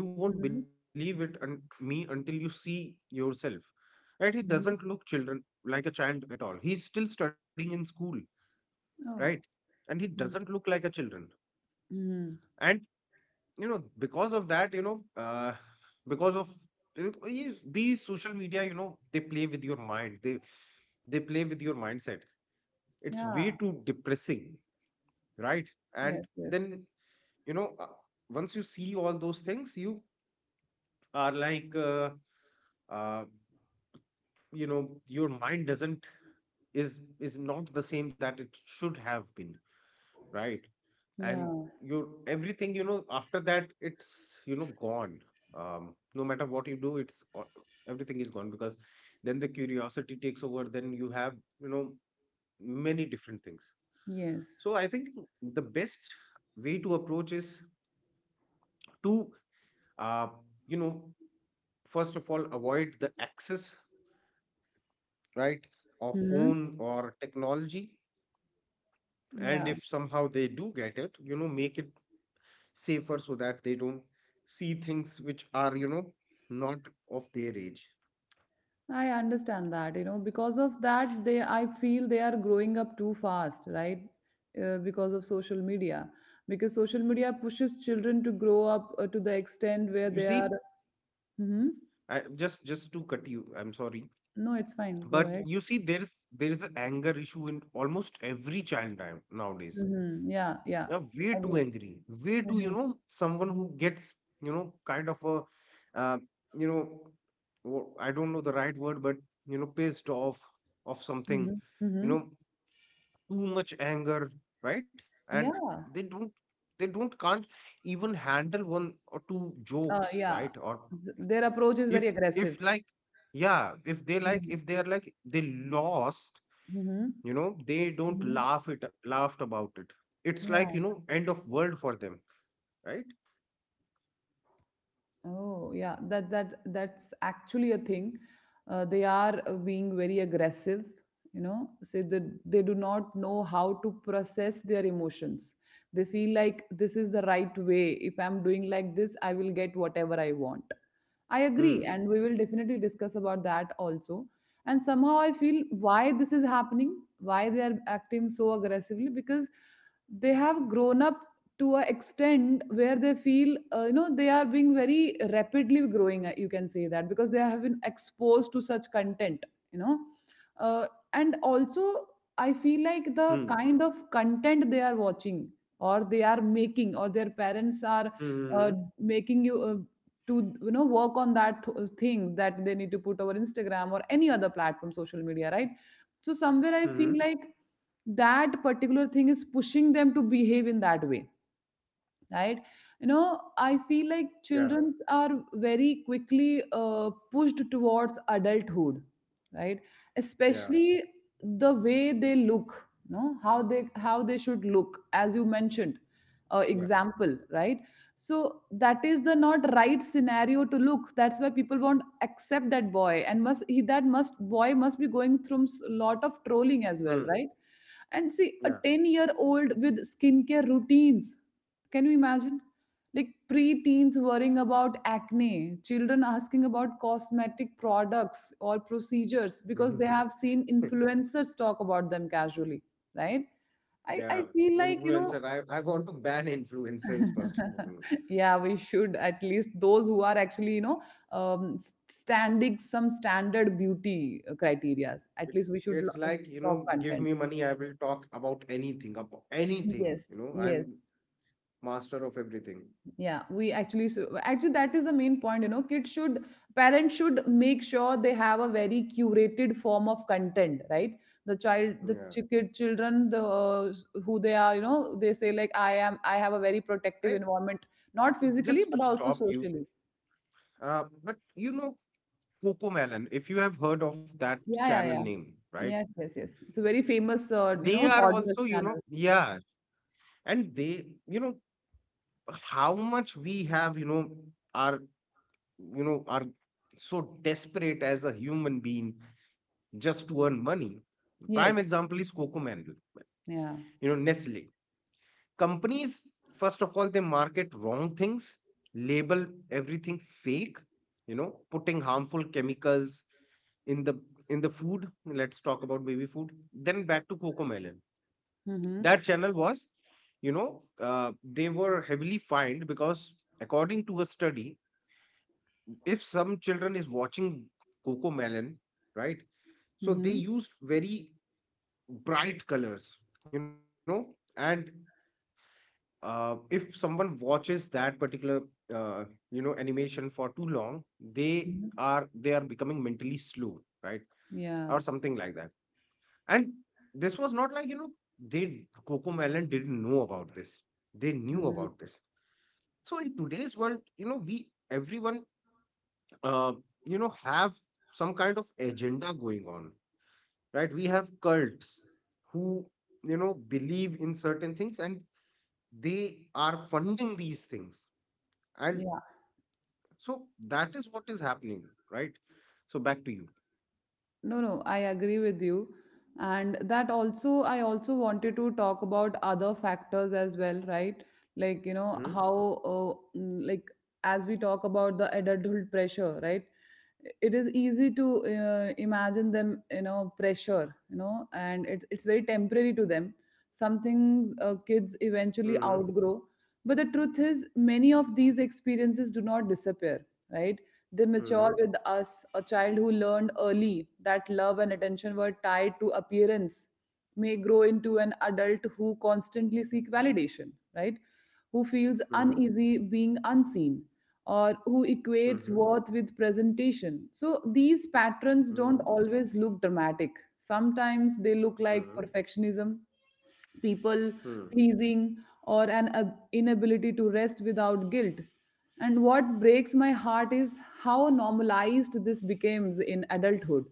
Speaker 2: You won't
Speaker 1: Mm-hmm.
Speaker 2: believe it and me until you see yourself. Right? He doesn't look
Speaker 1: Mm-hmm.
Speaker 2: children like a child at all. He's still studying in school, right?
Speaker 1: Oh,
Speaker 2: And he doesn't look like a children.
Speaker 1: mm-hmm.
Speaker 2: And you know, because of that, you know, uh, because of th- these these social media, you know, they play with your mind. They they play with your mindset. It's way
Speaker 1: Yeah.
Speaker 2: too depressing, right? And
Speaker 1: Yes, yes.
Speaker 2: then, you know, uh, once you see all those things, you are like, uh, uh, you know, your mind doesn't is is not the same that it should have been, right? And
Speaker 1: Yeah,
Speaker 2: your everything, you know, after that, it's, you know, gone. Um, no matter what you do, it's o- everything is gone, because then the curiosity takes over, then you have, you know, many different things.
Speaker 1: yes.
Speaker 2: So I think the best way to approach is to, uh, you know, first of all, avoid the excess, right, of
Speaker 1: Hmm.
Speaker 2: phone or technology. And
Speaker 1: Yeah,
Speaker 2: if somehow they do get it, you know, make it safer so that they don't see things which are, you know, not of their age.
Speaker 1: I understand that, you know, because of that, they, I feel they are growing up too fast, right? Uh, because of social media, because social media pushes children to grow up uh, to the extent where
Speaker 2: You
Speaker 1: they
Speaker 2: see,
Speaker 1: are. Hmm.
Speaker 2: I, just just to cut you, I'm sorry,
Speaker 1: No, it's fine. Go
Speaker 2: but
Speaker 1: ahead.
Speaker 2: you see, there is there is an anger issue in almost every child now, nowadays.
Speaker 1: Hmm. Yeah, yeah.
Speaker 2: Uh, way too
Speaker 1: Agree.
Speaker 2: angry, way too, you know, someone who gets, you know, kind of a, uh, you know, wo- I don't know the right word, but, you know, pissed off of something.
Speaker 1: Hmm.
Speaker 2: You
Speaker 1: Hmm.
Speaker 2: know, too much anger, right? And
Speaker 1: Yeah,
Speaker 2: they don't they don't can't even handle one or two
Speaker 1: uh,
Speaker 2: jokes,
Speaker 1: yeah.
Speaker 2: right? Or
Speaker 1: Th- Their approach is
Speaker 2: if
Speaker 1: very
Speaker 2: if
Speaker 1: aggressive.
Speaker 2: like, yeah, if they like,
Speaker 1: Mm-hmm.
Speaker 2: if they are like they lost, you know, they don't
Speaker 1: Mm-hmm.
Speaker 2: laugh it laughed about it, it's like,
Speaker 1: Yeah.
Speaker 2: you know, end of world for them, right?
Speaker 1: Oh yeah, that that that's actually a thing. Uh, they are uh, being very aggressive, you know. Say that they do not know how to process their emotions. They feel like this is the right way. If I'm doing like this, I will get whatever I want. I agree, and
Speaker 2: Hmm.
Speaker 1: we will definitely discuss about that also. And somehow I feel why this is happening, why they are acting so aggressively, because they have grown up to a extent where they feel uh, you know, they are being very rapidly growing, uh, you can say that, because they have been exposed to such content, you know. Uh, and also I feel like the
Speaker 2: Hmm.
Speaker 1: kind of content they are watching or they are making, or their parents are
Speaker 2: Hmm.
Speaker 1: uh,
Speaker 2: Hmm.
Speaker 1: making you uh, to, you know, work on that th- things that they need to put over Instagram or any other platform, social media, right? So somewhere I feel
Speaker 2: Hmm.
Speaker 1: like that particular thing is pushing them to behave in that way, right? You know, I feel like
Speaker 2: Yeah.
Speaker 1: children are very quickly uh, pushed towards adulthood, right,
Speaker 2: Yeah.
Speaker 1: especially the way they look, you know, how they how they should look, as you mentioned, uh,
Speaker 2: Yeah.
Speaker 1: example, right. So that is the not right scenario to look, that's why people won't accept that boy, and must he that must boy must be going through s- lot of trolling as well,
Speaker 2: Hmm.
Speaker 1: right? And see, a
Speaker 2: Yeah.
Speaker 1: ten year old with skincare routines, can you imagine? Like pre-teens worrying about acne, children asking about cosmetic products or procedures because they have
Speaker 2: <laughs>
Speaker 1: seen influencers talk about them casually, right? I, I
Speaker 2: Yeah.
Speaker 1: feel like, you know,
Speaker 2: Influencer. I, I want to ban influencers first of all.
Speaker 1: <laughs> yeah, we should, at least those who are actually, you know, um, s- standing some standard beauty criterias. At
Speaker 2: It's
Speaker 1: least we should
Speaker 2: it's
Speaker 1: lo-
Speaker 2: like, you
Speaker 1: stop
Speaker 2: know, give
Speaker 1: content.
Speaker 2: me money, I will talk about anything, about anything.
Speaker 1: Yes,
Speaker 2: You know,
Speaker 1: yes.
Speaker 2: I'm master of everything.
Speaker 1: Yeah, we actually, so actually, that is the main point, you know, kids should, parents should make sure they have a very curated form of content, right? The child, the
Speaker 2: Yeah.
Speaker 1: ch- kid, children, the uh, s- who they are, you know, they say, like, I am, I have a very
Speaker 2: I
Speaker 1: protective environment, not physically
Speaker 2: just to
Speaker 1: but also
Speaker 2: stop you.
Speaker 1: socially.
Speaker 2: Uh, but you know, Coco Melon, if you have heard of that
Speaker 1: Yeah, yeah,
Speaker 2: channel
Speaker 1: yeah.
Speaker 2: name, right?
Speaker 1: Yes, yes, yes, it's a very famous uh, you
Speaker 2: They
Speaker 1: know,
Speaker 2: are
Speaker 1: toddler
Speaker 2: also, you know,
Speaker 1: channel.
Speaker 2: yeah, and they, you know, how much we have, you know, are you know are so desperate as a human being, just to earn money. Prime
Speaker 1: Yes.
Speaker 2: example is Coco Mandel.
Speaker 1: Yeah.
Speaker 2: You know, Nestle companies, first of all they market wrong things, label everything fake, you know, putting harmful chemicals in the in the food. Let's talk about baby food, then back to Coco Melon.
Speaker 1: Mm-hmm.
Speaker 2: That channel was, you know, uh, they were heavily fined, because according to a study, if some children is watching Coco Melon, right, so they
Speaker 1: Mm-hmm.
Speaker 2: used very bright colors, you know, and uh, if someone watches that particular, uh, you know, animation for too long, they
Speaker 1: Mm-hmm.
Speaker 2: are they are becoming mentally slow, right?
Speaker 1: Yeah.
Speaker 2: Or something like that. And this was not like, you know, they Coco Melon didn't know about this. They knew
Speaker 1: Mm-hmm.
Speaker 2: about this. So in today's world, you know, we everyone uh, you know, have some kind of agenda going on, right? We have cults who, you know, believe in certain things, and they are funding these things. And
Speaker 1: Yeah.
Speaker 2: so that is what is happening, right? So back to you.
Speaker 1: No, no, I agree with you. And that also, I also wanted to talk about other factors as well, right? Like, you know,
Speaker 2: Mm-hmm.
Speaker 1: how, uh, mm, like, as we talk about the adulthood pressure, right? It is easy to uh, imagine them, you know, pressure, you know, and it's, it's very temporary to them. Some things uh, kids eventually
Speaker 2: Mm-hmm.
Speaker 1: outgrow. But the truth is, many of these experiences do not disappear, right? They mature
Speaker 2: Mm-hmm.
Speaker 1: with us. A child who learned early that love and attention were tied to appearance may grow into an adult who constantly seek validation, right? Who feels
Speaker 2: Mm-hmm.
Speaker 1: uneasy being unseen, or who
Speaker 2: Mm-hmm.
Speaker 1: equates worth with presentation. So these patterns
Speaker 2: Mm-hmm.
Speaker 1: don't always look dramatic. Sometimes they look like perfectionism, people
Speaker 2: Mm-hmm.
Speaker 1: pleasing, or an ab- inability to rest without guilt. And what breaks my heart is how normalized this becomes in adulthood.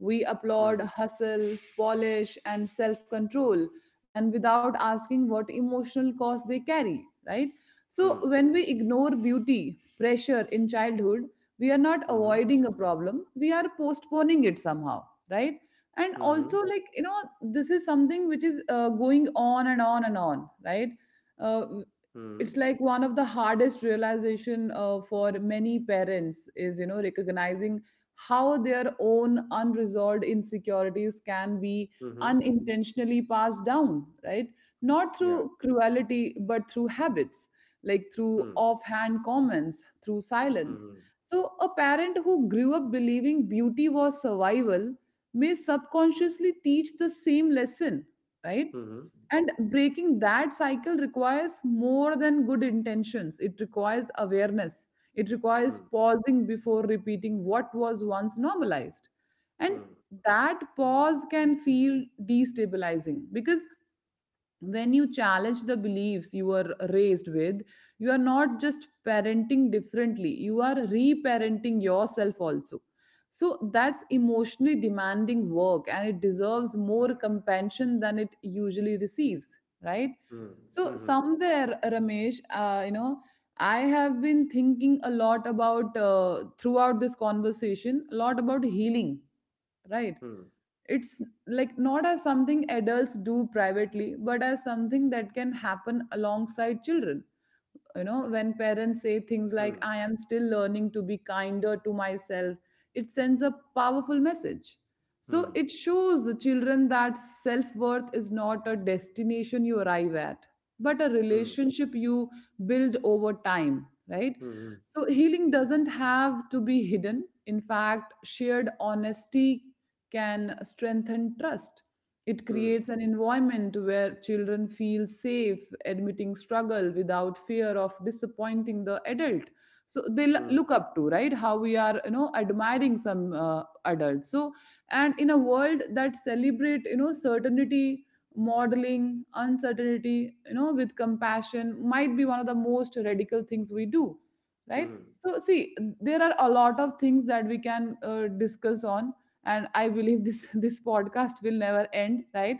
Speaker 1: We
Speaker 2: Mm,
Speaker 1: applaud hustle, polish, and self control, and without asking what emotional cost they carry, right? So
Speaker 2: mm,
Speaker 1: when we ignore beauty pressure in childhood, we are not
Speaker 2: mhm,
Speaker 1: avoiding a problem, we are postponing it somehow, right? And
Speaker 2: mhm,
Speaker 1: also, like, you know, this is something which is uh, going on and on and on, right? Uh,
Speaker 2: mhm,
Speaker 1: it's like one of the hardest realization uh, for many parents, is, you know, recognizing how their own unresolved insecurities can be
Speaker 2: mhm.
Speaker 1: unintentionally passed down, right, not
Speaker 2: Yeah.
Speaker 1: through cruelty, but through habits, like through
Speaker 2: Mm,
Speaker 1: offhand comments, through silence.
Speaker 2: mhm,
Speaker 1: So a parent who grew up believing beauty was survival may subconsciously teach the same lesson, right?
Speaker 2: mhm,
Speaker 1: And breaking that cycle requires more than good intentions. It requires awareness. It requires
Speaker 2: mm,
Speaker 1: pausing before repeating what was once normalized. And
Speaker 2: mm,
Speaker 1: that pause can feel destabilizing, because when you challenge the beliefs you were raised with, you are not just parenting differently, you are reparenting yourself also. So that's emotionally demanding work, and it deserves more compassion than it usually receives, right?
Speaker 2: mm,
Speaker 1: So
Speaker 2: mhm,
Speaker 1: somewhere, Ramesh, uh, you know, I have been thinking a lot about, uh, throughout this conversation, a lot about healing, right,
Speaker 2: mm,
Speaker 1: it's like, not as something adults do privately, but as something that can happen alongside children. You know, when parents say things like, I am still learning to be kinder to myself, it sends a powerful message.
Speaker 2: mm,
Speaker 1: So
Speaker 2: mm,
Speaker 1: it shows the children that self-worth is not a destination you arrive at, but a
Speaker 2: mm,
Speaker 1: relationship you build over time, right?
Speaker 2: mhm,
Speaker 1: So healing doesn't have to be hidden. In fact, shared honesty can strengthen trust. It
Speaker 2: mm,
Speaker 1: creates an environment where children feel safe admitting struggle without fear of disappointing the adult. So they l- look up to, right, how we are, you know, admiring some uh, adults. So, and in a world that celebrate, you know, certainty, modeling uncertainty, you know, with compassion, might be one of the most radical things we do,
Speaker 2: mm,
Speaker 1: right?
Speaker 2: mm,
Speaker 1: So see, there are a lot of things that we can uh, discuss on, and I believe this <laughs> this podcast will never end, right?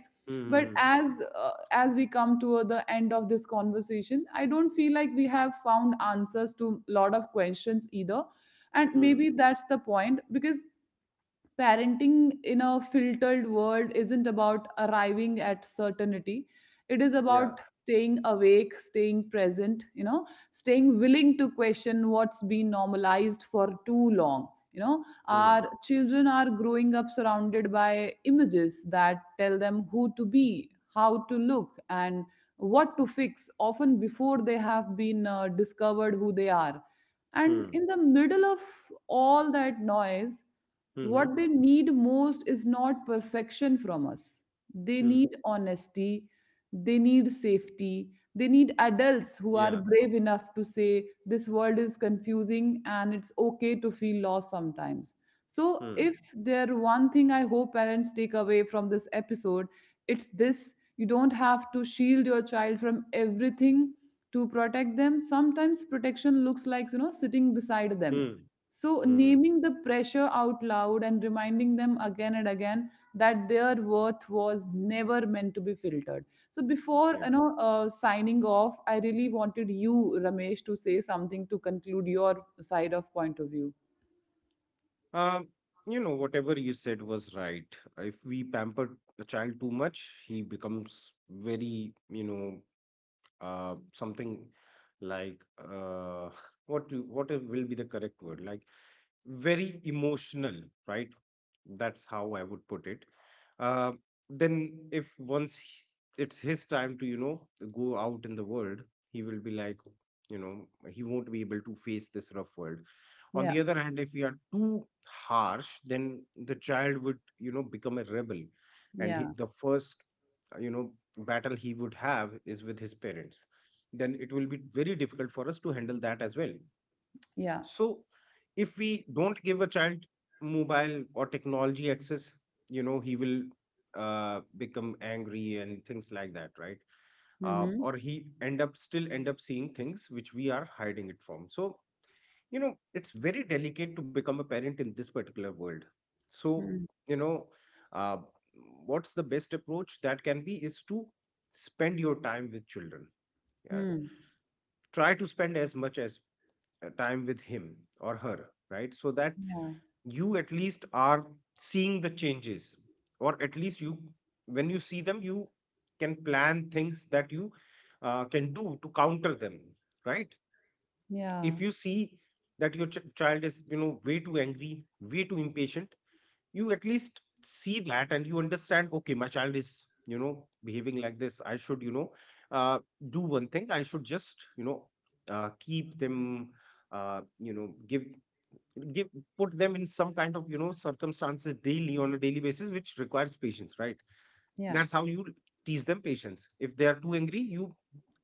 Speaker 1: But
Speaker 2: mhm,
Speaker 1: as, uh, as we come to the end of this conversation, I don't feel like we have found answers to a lot of questions either, and maybe
Speaker 2: mm.
Speaker 1: that's the point. Because parenting in a filtered world isn't about arriving at certainty, it is
Speaker 2: Yeah.
Speaker 1: about staying awake, staying present, you know, staying willing to question what's been normalized for too long. You know,
Speaker 2: Mm,
Speaker 1: our children are growing up surrounded by images that tell them who to be, how to look, and what to fix, often before they have been uh, discovered who they are. And
Speaker 2: mm,
Speaker 1: in the middle of all that noise,
Speaker 2: mhm,
Speaker 1: what they need most is not perfection from us. They
Speaker 2: mm.
Speaker 1: need honesty. They need safety. They need adults who are
Speaker 2: Yeah.
Speaker 1: brave enough to say, this world is confusing and it's okay to feel lost sometimes. So
Speaker 2: Mm,
Speaker 1: if there one thing I hope parents take away from this episode, it's this, you don't have to shield your child from everything to protect them. Sometimes protection looks like, you know, sitting beside them,
Speaker 2: mm,
Speaker 1: so
Speaker 2: mhm.
Speaker 1: naming the pressure out loud and reminding them again and again that their worth was never meant to be filtered. So before, you
Speaker 2: Yeah.
Speaker 1: know uh, signing off, I really wanted you, Ramesh, to say something to conclude your side of point of view.
Speaker 2: Um, you know, whatever you said was right. If we pamper a child too much, he becomes very, you know, uh, something like, uh, what do, what is- will be the correct word, like, very emotional, right? That's how I would put it. uh, then if once he- it's his time to, you know, go out in the world, he will be like, you know, he won't be able to face this rough world. On
Speaker 1: Yeah,
Speaker 2: the other hand, if we are too harsh, then the child would, you know, become a rebel. And he,
Speaker 1: yeah,
Speaker 2: the first, you know, battle he would have is with his parents. Then it will be very difficult for us to handle that as well.
Speaker 1: yeah.
Speaker 2: So if we don't give a child mobile or technology access, you know, he will, uh, become angry and things like that, right? Uh,
Speaker 1: Mm-hmm.
Speaker 2: or he end up, still end up seeing things which we are hiding it from. So, you know, it's very delicate to become a parent in this particular world. So,
Speaker 1: Mm-hmm.
Speaker 2: you know, uh, what's the best approach that can be is to spend your time with children. Yeah.
Speaker 1: Hmm.
Speaker 2: Try to spend as much as, uh, time with him or her, right, so that
Speaker 1: Yeah,
Speaker 2: you at least are seeing the changes. Or at least you when you see them, you can plan things that you, uh, can do to counter them, right?
Speaker 1: yeah,
Speaker 2: If you see that your ch- child is, you know, way too angry, way too impatient, you at least see that and you understand, okay, my child is, you know, behaving like this, I should, you know, uh, do one thing, I should just, you know, uh, keep them, uh, you know, give give put them in some kind of, you know, circumstances daily on a daily basis, which requires patience, right?
Speaker 1: yeah,
Speaker 2: That's how you teach them patience. If they are too angry, you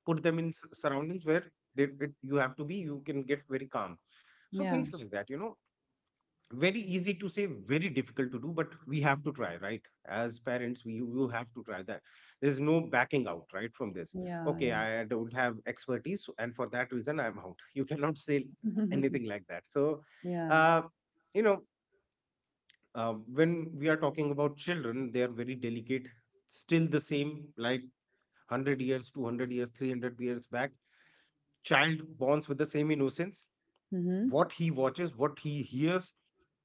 Speaker 2: put them in s- surroundings where they, it, you have to be, you can get very calm. So
Speaker 1: yeah,
Speaker 2: things like that, you know, very easy to say, very difficult to do, but we have to try, right? As parents, we you have to try that. There's no backing out, right, from this.
Speaker 1: yeah,
Speaker 2: Okay,
Speaker 1: yeah,
Speaker 2: I don't have expertise, and for that reason, I'm out. <laughs> You cannot say
Speaker 1: <laughs>
Speaker 2: anything like that. So,
Speaker 1: yeah.
Speaker 2: uh, you know, uh, when we are talking about children, they are very delicate. Still the same, like one hundred years, two hundred years, three hundred years back. Child bonds with the same innocence.
Speaker 1: Mm-hmm.
Speaker 2: What he watches, what he hears,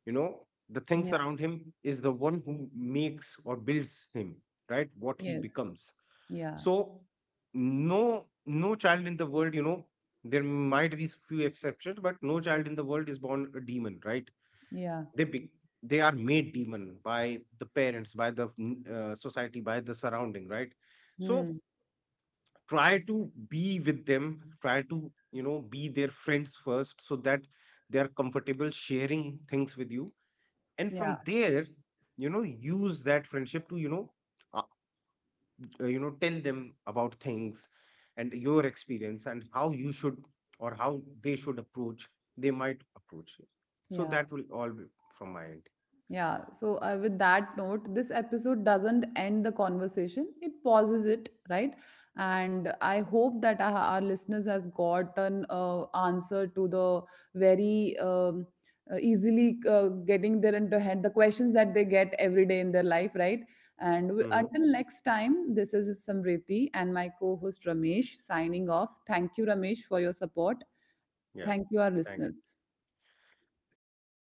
Speaker 2: you know, the things
Speaker 1: Yeah.
Speaker 2: around him is the one who makes or builds him, right? What he
Speaker 1: Yes.
Speaker 2: becomes.
Speaker 1: Yeah.
Speaker 2: So, no, no child in the world, you know, there might be few exceptions, but no child in the world is born a demon, right?
Speaker 1: Yeah.
Speaker 2: They be, they are made demon by the parents, by the mm, uh, society, by the surrounding, right? So
Speaker 1: Hmm.
Speaker 2: try to be with them, try to, you know, be their friends first, so that they are comfortable sharing things with you, and
Speaker 1: Yeah.
Speaker 2: from there, you know, use that friendship to, you know, uh, uh, you know, tell them about things, and your experience, and how you should, or how they should approach, they might approach it. So
Speaker 1: Yeah.
Speaker 2: that will all be from my end.
Speaker 1: Yeah, so uh, with that note, this episode doesn't end the conversation. It pauses it, right? And I hope that our our listeners has gotten uh, answer to the very um, uh, easily uh, getting their into head the questions that they get every day in their life, right? And w-
Speaker 2: Hmm.
Speaker 1: until next time, this is Samriti and my co-host Ramesh signing off. Thank you, Ramesh, for your support.
Speaker 2: Yeah.
Speaker 1: Thank you, our
Speaker 2: thank
Speaker 1: listeners.
Speaker 2: Thank